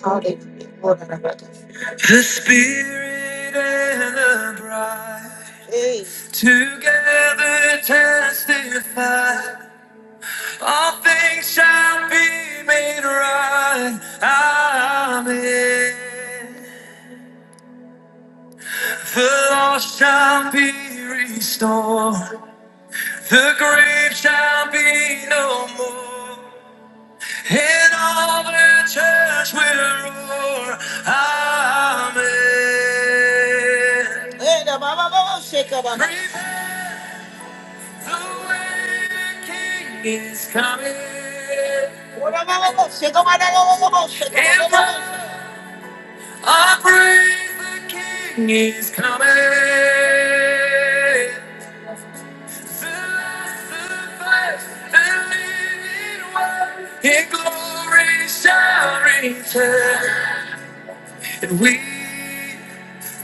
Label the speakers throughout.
Speaker 1: The spirit and the bride Hey. together testify. All things shall be made right. Amen. The lost shall be restored. The grave shall be no more. And all the church will roar, Amen. Hey, Prepare the way, King is coming. Wa da ba ba I breathe, the King is coming. In glory shall return, and we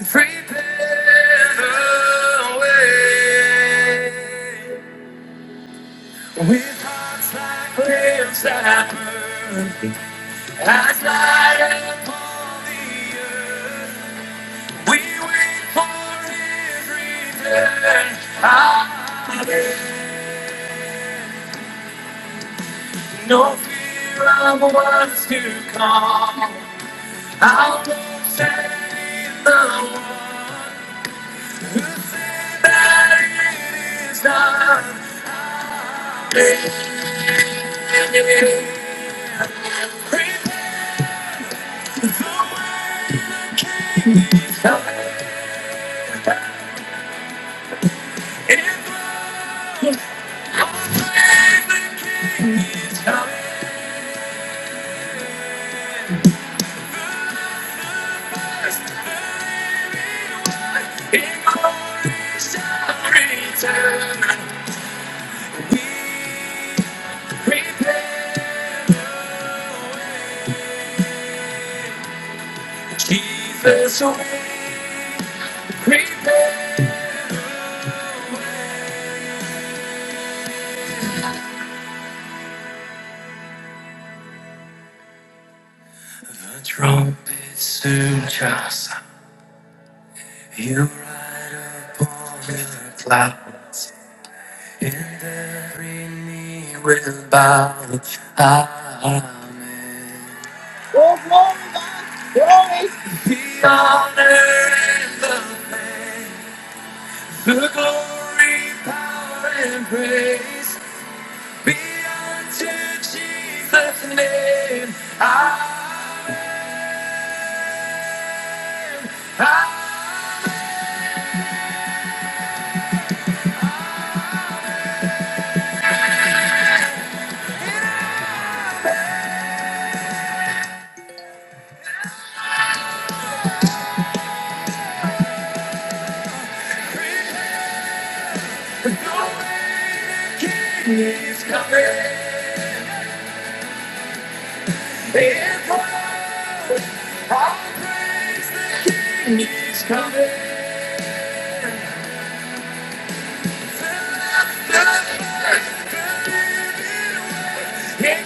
Speaker 1: prepare the way. With hearts like flames that burn, as light upon the earth, we wait for His return. Hallelujah. No fear of what's to come. I'll go save the one who said that it is done. Jesus, Prepare the trumpet soon shall sound. You ride upon the clouds, and every knee will bow. Amen. Oh, glory, God, glory. The honor and the praise, the glory, power, and praise. Be unto Jesus' name. I, I know the King is coming. If I praise the King is coming. In